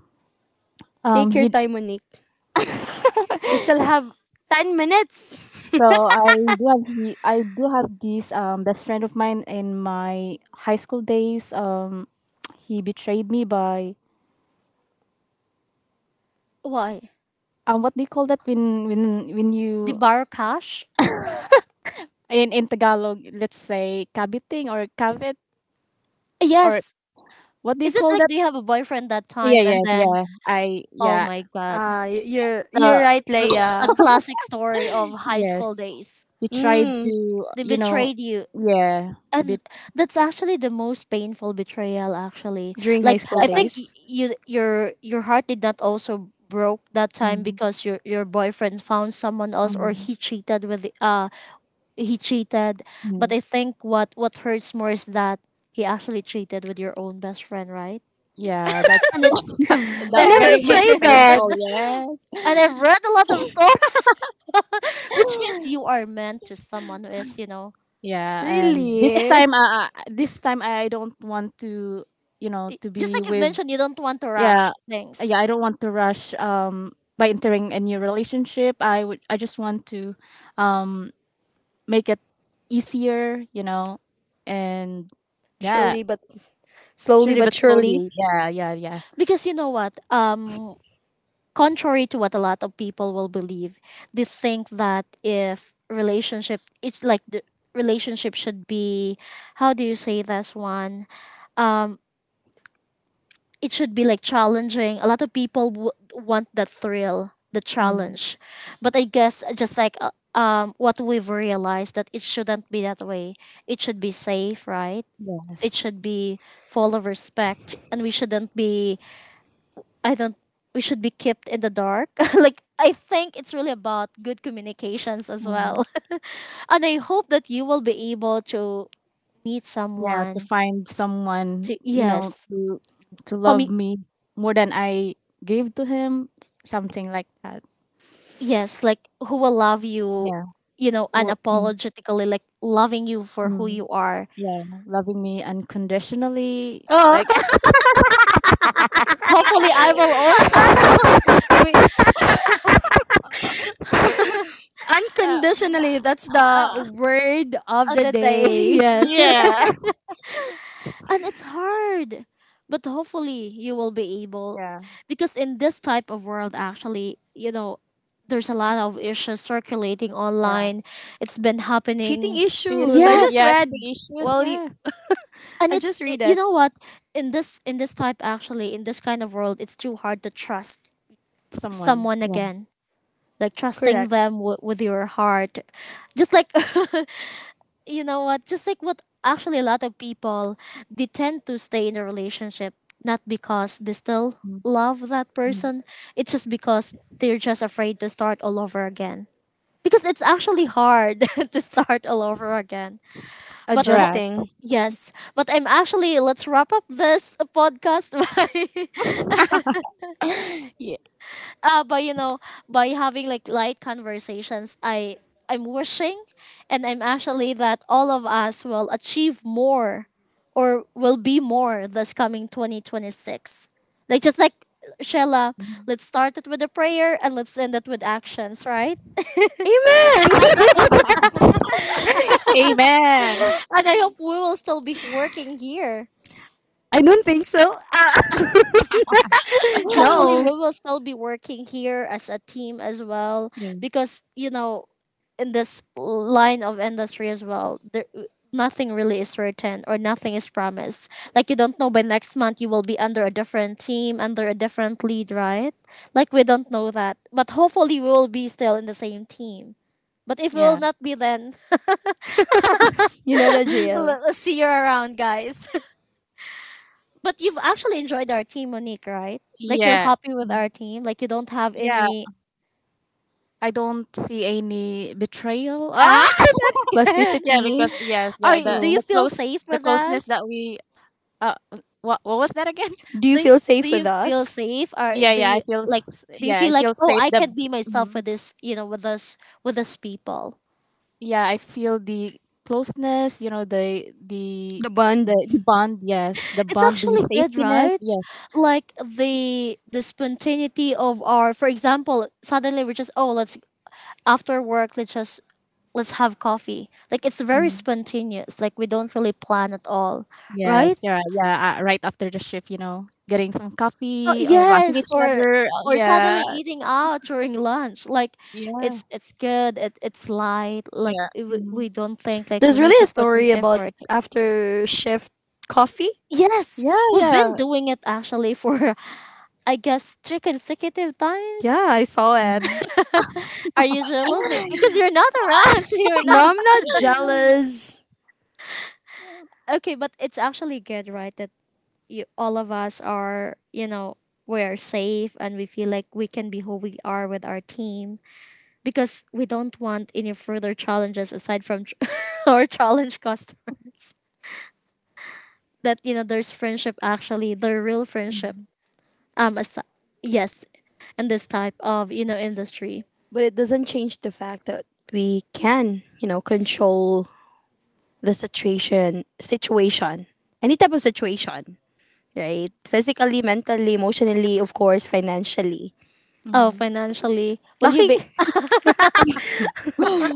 [SPEAKER 1] [LAUGHS]
[SPEAKER 2] Um,
[SPEAKER 1] Take your
[SPEAKER 2] he
[SPEAKER 1] time, Monique.
[SPEAKER 2] [LAUGHS]
[SPEAKER 1] We still have ten minutes.
[SPEAKER 2] So
[SPEAKER 1] [LAUGHS]
[SPEAKER 2] I do have he- I do have this um best friend of mine in my high school days. Um, he betrayed me by
[SPEAKER 3] Why?
[SPEAKER 2] um what do you call that when when when
[SPEAKER 3] The
[SPEAKER 2] you
[SPEAKER 3] borrow cash?
[SPEAKER 2] in in Tagalog let's say kabiting or kabit or
[SPEAKER 3] Yes.
[SPEAKER 2] what do you
[SPEAKER 3] Is it
[SPEAKER 2] call
[SPEAKER 3] like,
[SPEAKER 2] that?
[SPEAKER 3] do you have a boyfriend that
[SPEAKER 2] Yeah,
[SPEAKER 3] time and
[SPEAKER 2] yes,
[SPEAKER 3] then,
[SPEAKER 2] yeah. I
[SPEAKER 3] oh
[SPEAKER 2] yeah
[SPEAKER 3] my god.
[SPEAKER 1] Ah, y- you're, you're
[SPEAKER 3] the
[SPEAKER 1] right,
[SPEAKER 3] the, the
[SPEAKER 1] Leia.
[SPEAKER 3] classic story of high school
[SPEAKER 2] yes.
[SPEAKER 3] days.
[SPEAKER 2] He tried
[SPEAKER 1] Mm,
[SPEAKER 2] to
[SPEAKER 3] They
[SPEAKER 2] you know
[SPEAKER 3] betrayed you.
[SPEAKER 2] yeah to be
[SPEAKER 3] And that's actually the most painful betrayal actually.
[SPEAKER 1] during high
[SPEAKER 3] Like
[SPEAKER 1] school
[SPEAKER 2] yeah,
[SPEAKER 3] I
[SPEAKER 2] that,
[SPEAKER 3] think y-
[SPEAKER 1] days.
[SPEAKER 3] you, your your heart did not also broke that time
[SPEAKER 2] mm,
[SPEAKER 3] because your your boyfriend found someone else, or
[SPEAKER 2] mm,
[SPEAKER 3] he cheated with the, uh he cheated. But
[SPEAKER 2] mm.
[SPEAKER 3] I think what what hurts more is that he actually cheated with your own best friend, right?
[SPEAKER 2] Yeah, that's
[SPEAKER 3] And
[SPEAKER 2] [LAUGHS]
[SPEAKER 3] it's
[SPEAKER 1] I
[SPEAKER 2] that
[SPEAKER 1] never
[SPEAKER 2] very much
[SPEAKER 3] very,
[SPEAKER 1] tried
[SPEAKER 3] [LAUGHS]
[SPEAKER 1] that.
[SPEAKER 2] painful, yes.
[SPEAKER 3] and I've read a lot of stories, [LAUGHS] which means you
[SPEAKER 2] [LAUGHS]
[SPEAKER 3] are meant to someone who is, you know,
[SPEAKER 2] Yeah, and this
[SPEAKER 1] Really?
[SPEAKER 2] time, uh, uh, this time I don't want to, you know,
[SPEAKER 3] y-
[SPEAKER 2] to
[SPEAKER 3] just
[SPEAKER 2] be
[SPEAKER 3] like you've
[SPEAKER 2] with.
[SPEAKER 3] mentioned, you don't want to rush
[SPEAKER 2] Yeah,
[SPEAKER 3] things
[SPEAKER 2] yeah, I don't want to rush. Um, by entering a new relationship, I would, I just want to, um, make it easier, you know, and yeah,
[SPEAKER 1] Surely but slowly
[SPEAKER 2] surely
[SPEAKER 1] but
[SPEAKER 2] but
[SPEAKER 1] surely.
[SPEAKER 2] slowly. Yeah, yeah, yeah.
[SPEAKER 3] because you know what? Um, contrary to what a lot of people will believe, they think that if relationship, it's like the relationship should be, how do you say this one? Um, it should be like challenging. A lot of people w- want the thrill, the
[SPEAKER 2] Mm,
[SPEAKER 3] challenge, but I guess just like. Uh, um, what we've realized, that it shouldn't be that way. It should be safe, right? It
[SPEAKER 2] yes.
[SPEAKER 3] should be full of respect, and we shouldn't be, I don't we should be kept in the dark. [LAUGHS] Like I think it's really about good communications as
[SPEAKER 2] Mm,
[SPEAKER 3] well, [LAUGHS] and I hope that you will be able to meet
[SPEAKER 2] yeah, to
[SPEAKER 3] someone,
[SPEAKER 2] find someone,
[SPEAKER 3] to,
[SPEAKER 2] you know,
[SPEAKER 3] yes,
[SPEAKER 2] to to love
[SPEAKER 3] homie,
[SPEAKER 2] me more than I gave to him, something like that.
[SPEAKER 3] yes, like who will love you,
[SPEAKER 2] Yeah.
[SPEAKER 3] you know
[SPEAKER 2] Who, mm,
[SPEAKER 3] unapologetically, like loving you for who
[SPEAKER 2] mm,
[SPEAKER 3] you are.
[SPEAKER 2] yeah, loving me unconditionally.
[SPEAKER 1] Oh,
[SPEAKER 2] Like, [LAUGHS]
[SPEAKER 3] Hopefully I will also [LAUGHS] be-
[SPEAKER 1] [LAUGHS]
[SPEAKER 2] um,
[SPEAKER 1] unconditionally.
[SPEAKER 2] uh,
[SPEAKER 1] That's the word of
[SPEAKER 3] on
[SPEAKER 1] the
[SPEAKER 3] the day. [LAUGHS]
[SPEAKER 1] day. [LAUGHS]
[SPEAKER 3] yes.
[SPEAKER 2] yeah,
[SPEAKER 3] And it's hard. But hopefully you will be able,
[SPEAKER 2] yeah,
[SPEAKER 3] because in this type of world actually, you know, there's a lot of issues circulating
[SPEAKER 2] yeah.
[SPEAKER 3] online. It's been
[SPEAKER 1] Cheating
[SPEAKER 3] happening.
[SPEAKER 1] issues. I
[SPEAKER 2] Cheating,
[SPEAKER 1] just
[SPEAKER 2] yeah,
[SPEAKER 3] Yes.
[SPEAKER 1] read.
[SPEAKER 2] cheating issues,
[SPEAKER 1] Well, y-
[SPEAKER 2] yeah.
[SPEAKER 3] And
[SPEAKER 1] I
[SPEAKER 3] it's
[SPEAKER 1] just
[SPEAKER 3] i-
[SPEAKER 1] read
[SPEAKER 3] you
[SPEAKER 1] it.
[SPEAKER 3] know what? In this in this type actually, in this kind of world, it's too hard to trust
[SPEAKER 2] Someone,
[SPEAKER 3] someone
[SPEAKER 2] yeah,
[SPEAKER 3] again. Like, trusting
[SPEAKER 1] Correct.
[SPEAKER 3] them w- with your heart. Just like, [LAUGHS] you know what, just like what actually a lot of people, they tend to stay in a relationship not because they still
[SPEAKER 2] mm,
[SPEAKER 3] love that
[SPEAKER 2] mm,
[SPEAKER 3] person, it's just because they're just afraid to start all over again, because it's actually hard [LAUGHS] to start all over again, but ho-
[SPEAKER 2] correct.
[SPEAKER 1] Adjusting.
[SPEAKER 3] yes. But I'm actually, let's wrap up this podcast [LAUGHS] by
[SPEAKER 2] [LAUGHS] yeah,
[SPEAKER 3] uh by you know by having like light conversations. I i'm wishing, and I'm actually that all of us will achieve more, or will be more, this coming twenty twenty-six, like just like Shella, let's start it with a prayer and let's end it with actions, right?
[SPEAKER 1] Amen.
[SPEAKER 2] [LAUGHS] amen.
[SPEAKER 3] [LAUGHS] And I hope we will still be working here.
[SPEAKER 1] [LAUGHS] I don't think so. Ah, [LAUGHS]
[SPEAKER 2] [LAUGHS]
[SPEAKER 3] Hopefully
[SPEAKER 1] no.
[SPEAKER 3] we will still be working here as a team as well,
[SPEAKER 2] Yeah,
[SPEAKER 3] because you know in this line of industry as well, there, nothing really is certain, or nothing is promised. Like you don't know, by next month you will be under a different team, under a different lead, right? Like we don't know that, but hopefully we will be still in the same team. But if we will
[SPEAKER 2] yeah,
[SPEAKER 3] not be, then...
[SPEAKER 1] You know the
[SPEAKER 3] [LAUGHS]
[SPEAKER 1] drill.
[SPEAKER 3] let's see you around, guys. [LAUGHS] But you've actually enjoyed our team, Monique, right? Like you're
[SPEAKER 2] yeah,
[SPEAKER 3] happy with our team. Like you don't have
[SPEAKER 2] yeah.
[SPEAKER 3] any...
[SPEAKER 2] I don't see any betrayal.
[SPEAKER 3] Ah,
[SPEAKER 2] Ah,
[SPEAKER 3] [LAUGHS] that's
[SPEAKER 2] [LAUGHS]
[SPEAKER 3] good.
[SPEAKER 2] yeah,
[SPEAKER 1] Plasticity.
[SPEAKER 2] because yes,
[SPEAKER 3] Are
[SPEAKER 2] the
[SPEAKER 3] you,
[SPEAKER 2] the
[SPEAKER 3] do
[SPEAKER 1] True.
[SPEAKER 3] you
[SPEAKER 2] the
[SPEAKER 3] feel
[SPEAKER 2] close
[SPEAKER 3] safe
[SPEAKER 2] the
[SPEAKER 3] with
[SPEAKER 2] closeness
[SPEAKER 3] us?
[SPEAKER 2] that we. Uh, what what was that again? [LAUGHS]
[SPEAKER 1] Do you
[SPEAKER 3] Do you,
[SPEAKER 1] feel
[SPEAKER 3] do
[SPEAKER 1] safe
[SPEAKER 3] you
[SPEAKER 1] with
[SPEAKER 3] feel
[SPEAKER 1] us?
[SPEAKER 3] safe, or
[SPEAKER 2] Yeah,
[SPEAKER 3] do
[SPEAKER 2] yeah, I
[SPEAKER 3] you
[SPEAKER 2] feel
[SPEAKER 3] like,
[SPEAKER 2] s-
[SPEAKER 3] do you
[SPEAKER 2] yeah, I
[SPEAKER 3] feel like,
[SPEAKER 2] feel
[SPEAKER 3] oh
[SPEAKER 2] safe.
[SPEAKER 3] I
[SPEAKER 2] The
[SPEAKER 3] can be myself
[SPEAKER 2] mhm.
[SPEAKER 3] with this, you know with us with us people?
[SPEAKER 2] Yeah, I feel the closeness. You know, the the
[SPEAKER 1] The
[SPEAKER 2] the,
[SPEAKER 1] bond.
[SPEAKER 2] the bond. Yes, the
[SPEAKER 3] It's
[SPEAKER 2] bond, the
[SPEAKER 3] actually good,
[SPEAKER 2] safetiness.
[SPEAKER 3] right?
[SPEAKER 2] Yes,
[SPEAKER 3] Like the the spontaneity of our, for example, suddenly we're just, oh let's, after work let's just let's have coffee. Like it's very
[SPEAKER 2] hmm,
[SPEAKER 3] spontaneous. Like we don't really plan at all,
[SPEAKER 2] yes,
[SPEAKER 3] right?
[SPEAKER 2] yeah, yeah. Uh, right after the shift, you know, getting some
[SPEAKER 3] Oh
[SPEAKER 2] coffee, or laughing
[SPEAKER 3] yes,
[SPEAKER 2] at each
[SPEAKER 3] or
[SPEAKER 2] other. Uh,
[SPEAKER 3] or suddenly
[SPEAKER 2] yeah,
[SPEAKER 3] eating out during lunch. Like
[SPEAKER 2] yeah,
[SPEAKER 3] it's it's good. It, it's light. Like
[SPEAKER 2] yeah,
[SPEAKER 3] eh, we,
[SPEAKER 2] hmm
[SPEAKER 3] we don't think like we
[SPEAKER 1] There's
[SPEAKER 3] need
[SPEAKER 1] really a
[SPEAKER 3] to put an
[SPEAKER 1] story about
[SPEAKER 3] effort.
[SPEAKER 1] after shift coffee.
[SPEAKER 3] Yes,
[SPEAKER 2] yeah,
[SPEAKER 3] we've
[SPEAKER 2] yeah.
[SPEAKER 3] been doing it actually for [LAUGHS] I guess three consecutive
[SPEAKER 1] Yeah,
[SPEAKER 3] times.
[SPEAKER 1] I saw it.
[SPEAKER 2] Hmm.
[SPEAKER 3] [LAUGHS] Are you jealous? Eh, Because you're not around, [LAUGHS] so you're not...
[SPEAKER 1] No, I'm not jealous,
[SPEAKER 3] okay. But it's actually good, right? That you all of us are, you know we are safe and we feel like we can be who we are with our team, because we don't want any further challenges aside from tr- [LAUGHS] our challenge customers. That, you know, there's friendship actually, their real friendship. Um, as- yes, in this type of you know industry.
[SPEAKER 1] but it doesn't change the fact that we can, you know, control the situation, situation, any type of situation, right? Physically, mentally, emotionally, of course, financially.
[SPEAKER 3] Oh,
[SPEAKER 2] Hmm. [LAUGHS]
[SPEAKER 3] financially, will you
[SPEAKER 1] Talking,
[SPEAKER 3] be,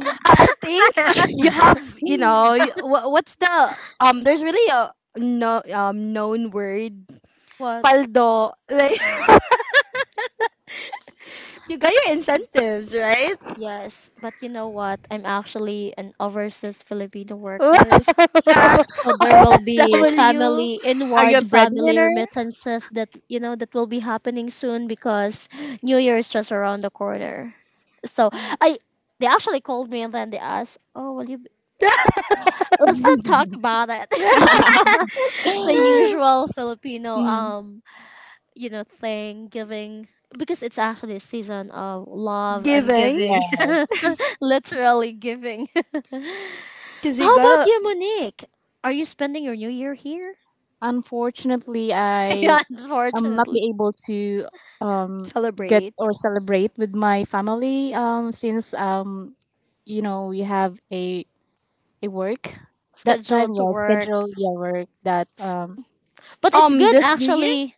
[SPEAKER 1] [LAUGHS] I think you have, you
[SPEAKER 2] [GASPS]
[SPEAKER 1] know, y- wha- what's the, um? there's really a no, um known word,
[SPEAKER 3] what?
[SPEAKER 1] paldo, like, [LAUGHS] you got your incentives, right?
[SPEAKER 3] Yes, but you know what? I'm actually an overseas Filipino
[SPEAKER 1] [LAUGHS] what
[SPEAKER 3] worker, so there will be
[SPEAKER 1] w
[SPEAKER 3] family
[SPEAKER 2] Are you a
[SPEAKER 3] inward family
[SPEAKER 2] breadwinner?
[SPEAKER 3] remittances that, you know that will be happening soon, because New Year is just around the corner. So I they actually called me, and then they asked, "Oh, will you be- let's not talk
[SPEAKER 2] [LAUGHS]
[SPEAKER 3] about it."
[SPEAKER 2] [LAUGHS]
[SPEAKER 3] [LAUGHS] the usual Filipino,
[SPEAKER 2] Mm.
[SPEAKER 3] um you know thing giving, because it's actually a season of love and
[SPEAKER 1] giving,
[SPEAKER 3] giving, [LAUGHS]
[SPEAKER 2] Yes.
[SPEAKER 3] literally giving. [LAUGHS]
[SPEAKER 1] because you
[SPEAKER 3] How about
[SPEAKER 1] gotta
[SPEAKER 3] you, Monique? Are you spending your New Year here?
[SPEAKER 2] Unfortunately,
[SPEAKER 3] [LAUGHS]
[SPEAKER 2] I
[SPEAKER 3] yeah,
[SPEAKER 2] am not
[SPEAKER 3] unfortunately,
[SPEAKER 2] be able to um get
[SPEAKER 1] celebrate,
[SPEAKER 2] or celebrate with my family um since um you know we have a a work that time
[SPEAKER 3] scheduled to
[SPEAKER 2] yeah
[SPEAKER 3] work.
[SPEAKER 2] schedule yeah work that um.
[SPEAKER 3] But it's
[SPEAKER 1] um
[SPEAKER 3] good
[SPEAKER 1] this new year,
[SPEAKER 3] actually.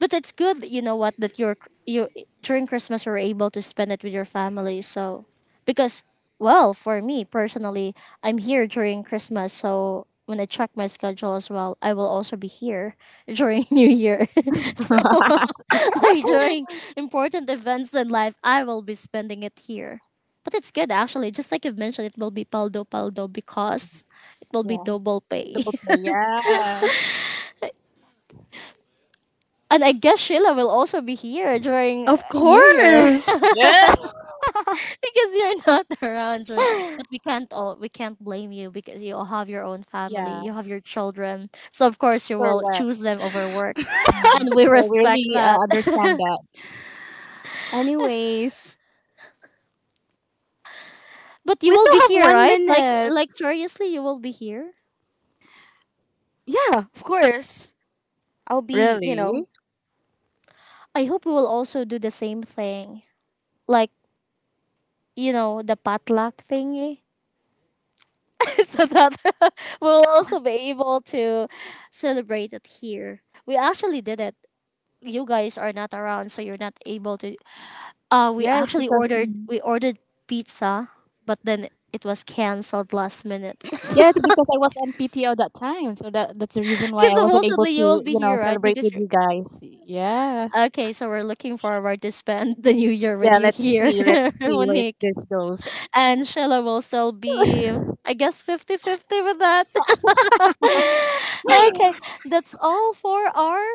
[SPEAKER 3] But it's good, you know what, that you're you during Christmas, you're able to spend it with your family. So, because, well, for me personally, I'm here during Christmas. So when I check my schedule as well, I will also be here during [LAUGHS] New Year. [LAUGHS] so
[SPEAKER 2] [LAUGHS]
[SPEAKER 3] [LAUGHS] like during important events in life, I will be spending it here. But it's good actually. Just like you've mentioned, it will be paldo paldo, because it will be
[SPEAKER 2] Yeah
[SPEAKER 3] double pay.
[SPEAKER 2] double play yeah
[SPEAKER 3] [LAUGHS] and I guess Sheila will also be here during
[SPEAKER 1] of
[SPEAKER 3] New Year. [LAUGHS]
[SPEAKER 1] course.
[SPEAKER 2] yeah. [LAUGHS]
[SPEAKER 3] because you're not [LAUGHS] around during, but we can't all we can't blame you, because you have your own family,
[SPEAKER 2] Yeah
[SPEAKER 3] you have your children, so of course you will
[SPEAKER 2] correct
[SPEAKER 3] choose them over work, and
[SPEAKER 2] mm.
[SPEAKER 3] we
[SPEAKER 2] So we
[SPEAKER 3] respect
[SPEAKER 2] really uh,
[SPEAKER 3] that.
[SPEAKER 2] understand that
[SPEAKER 3] [LAUGHS]
[SPEAKER 1] Anyways,
[SPEAKER 3] But you
[SPEAKER 1] we
[SPEAKER 3] will
[SPEAKER 1] still
[SPEAKER 3] be
[SPEAKER 1] have
[SPEAKER 3] here,
[SPEAKER 1] one
[SPEAKER 3] right? like
[SPEAKER 1] minute
[SPEAKER 3] like seriously, you will be here.
[SPEAKER 1] Yeah, of course, I'll be, you know
[SPEAKER 2] really
[SPEAKER 3] I hope we will also do the same thing, like, you know the potluck thingy, [LAUGHS] so that [LAUGHS] we'll also be able to celebrate it here. We actually did it, you guys are not around, so you're not able to. Uh, we
[SPEAKER 2] yeah it's
[SPEAKER 3] actually
[SPEAKER 2] because
[SPEAKER 3] ordered
[SPEAKER 2] mm.
[SPEAKER 3] we ordered pizza, but then it was canceled last minute. [LAUGHS]
[SPEAKER 2] Yeah, it's because I was on P T O that time, so that that's the reason why
[SPEAKER 3] Because
[SPEAKER 2] I wasn't able
[SPEAKER 3] supposedly
[SPEAKER 2] to,
[SPEAKER 3] you will be
[SPEAKER 2] you know,
[SPEAKER 3] here, right?
[SPEAKER 2] celebrate
[SPEAKER 3] Because
[SPEAKER 2] with
[SPEAKER 3] you're,
[SPEAKER 2] you guys. Yeah.
[SPEAKER 3] okay, so we're looking forward to spend [LAUGHS] the new year with
[SPEAKER 2] Yeah,
[SPEAKER 3] you
[SPEAKER 2] let's
[SPEAKER 3] here,
[SPEAKER 2] see. Let's
[SPEAKER 3] [LAUGHS]
[SPEAKER 2] see where
[SPEAKER 3] Monique,
[SPEAKER 2] this goes.
[SPEAKER 3] and Sheila will still be, I guess, fifty-fifty with that. [LAUGHS] okay, that's all for our...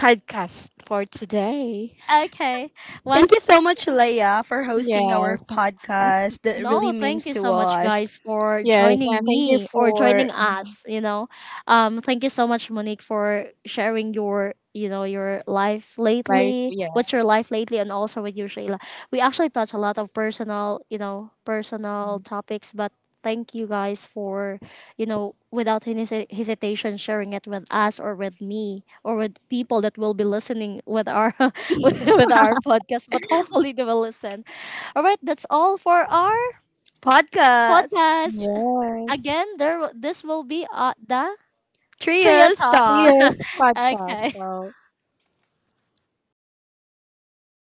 [SPEAKER 2] Podcast for today.
[SPEAKER 3] okay.
[SPEAKER 1] thank you
[SPEAKER 3] Once.
[SPEAKER 1] so much, Leia, for hosting our
[SPEAKER 2] Yes.
[SPEAKER 1] podcast. That
[SPEAKER 3] No,
[SPEAKER 1] really
[SPEAKER 3] thank
[SPEAKER 1] means
[SPEAKER 3] you
[SPEAKER 1] to
[SPEAKER 3] so much,
[SPEAKER 1] us.
[SPEAKER 3] guys, for
[SPEAKER 2] Yes,
[SPEAKER 3] joining
[SPEAKER 2] and thank you
[SPEAKER 3] me, or
[SPEAKER 2] for
[SPEAKER 3] joining us. You know, um, thank you so much, Monique, for sharing your, you know, your life
[SPEAKER 2] life.
[SPEAKER 3] lately.
[SPEAKER 2] Yeah.
[SPEAKER 3] What's your life lately, and also with you, Shayla. We actually touch a lot of personal, you know, personal topics, but thank you guys for, you know, without any hesi- hesitation, sharing it with us, or with me, or with people that will be listening with our [LAUGHS] with our podcast. But hopefully, they will listen. All right, that's all for our
[SPEAKER 1] Podcast.
[SPEAKER 3] podcast.
[SPEAKER 2] Yes.
[SPEAKER 3] Again, there will- this will be uh, the trio
[SPEAKER 1] Trios
[SPEAKER 3] talks.
[SPEAKER 2] See
[SPEAKER 1] Talk.
[SPEAKER 2] you
[SPEAKER 3] [LAUGHS]
[SPEAKER 2] podcast.
[SPEAKER 3] okay.
[SPEAKER 2] So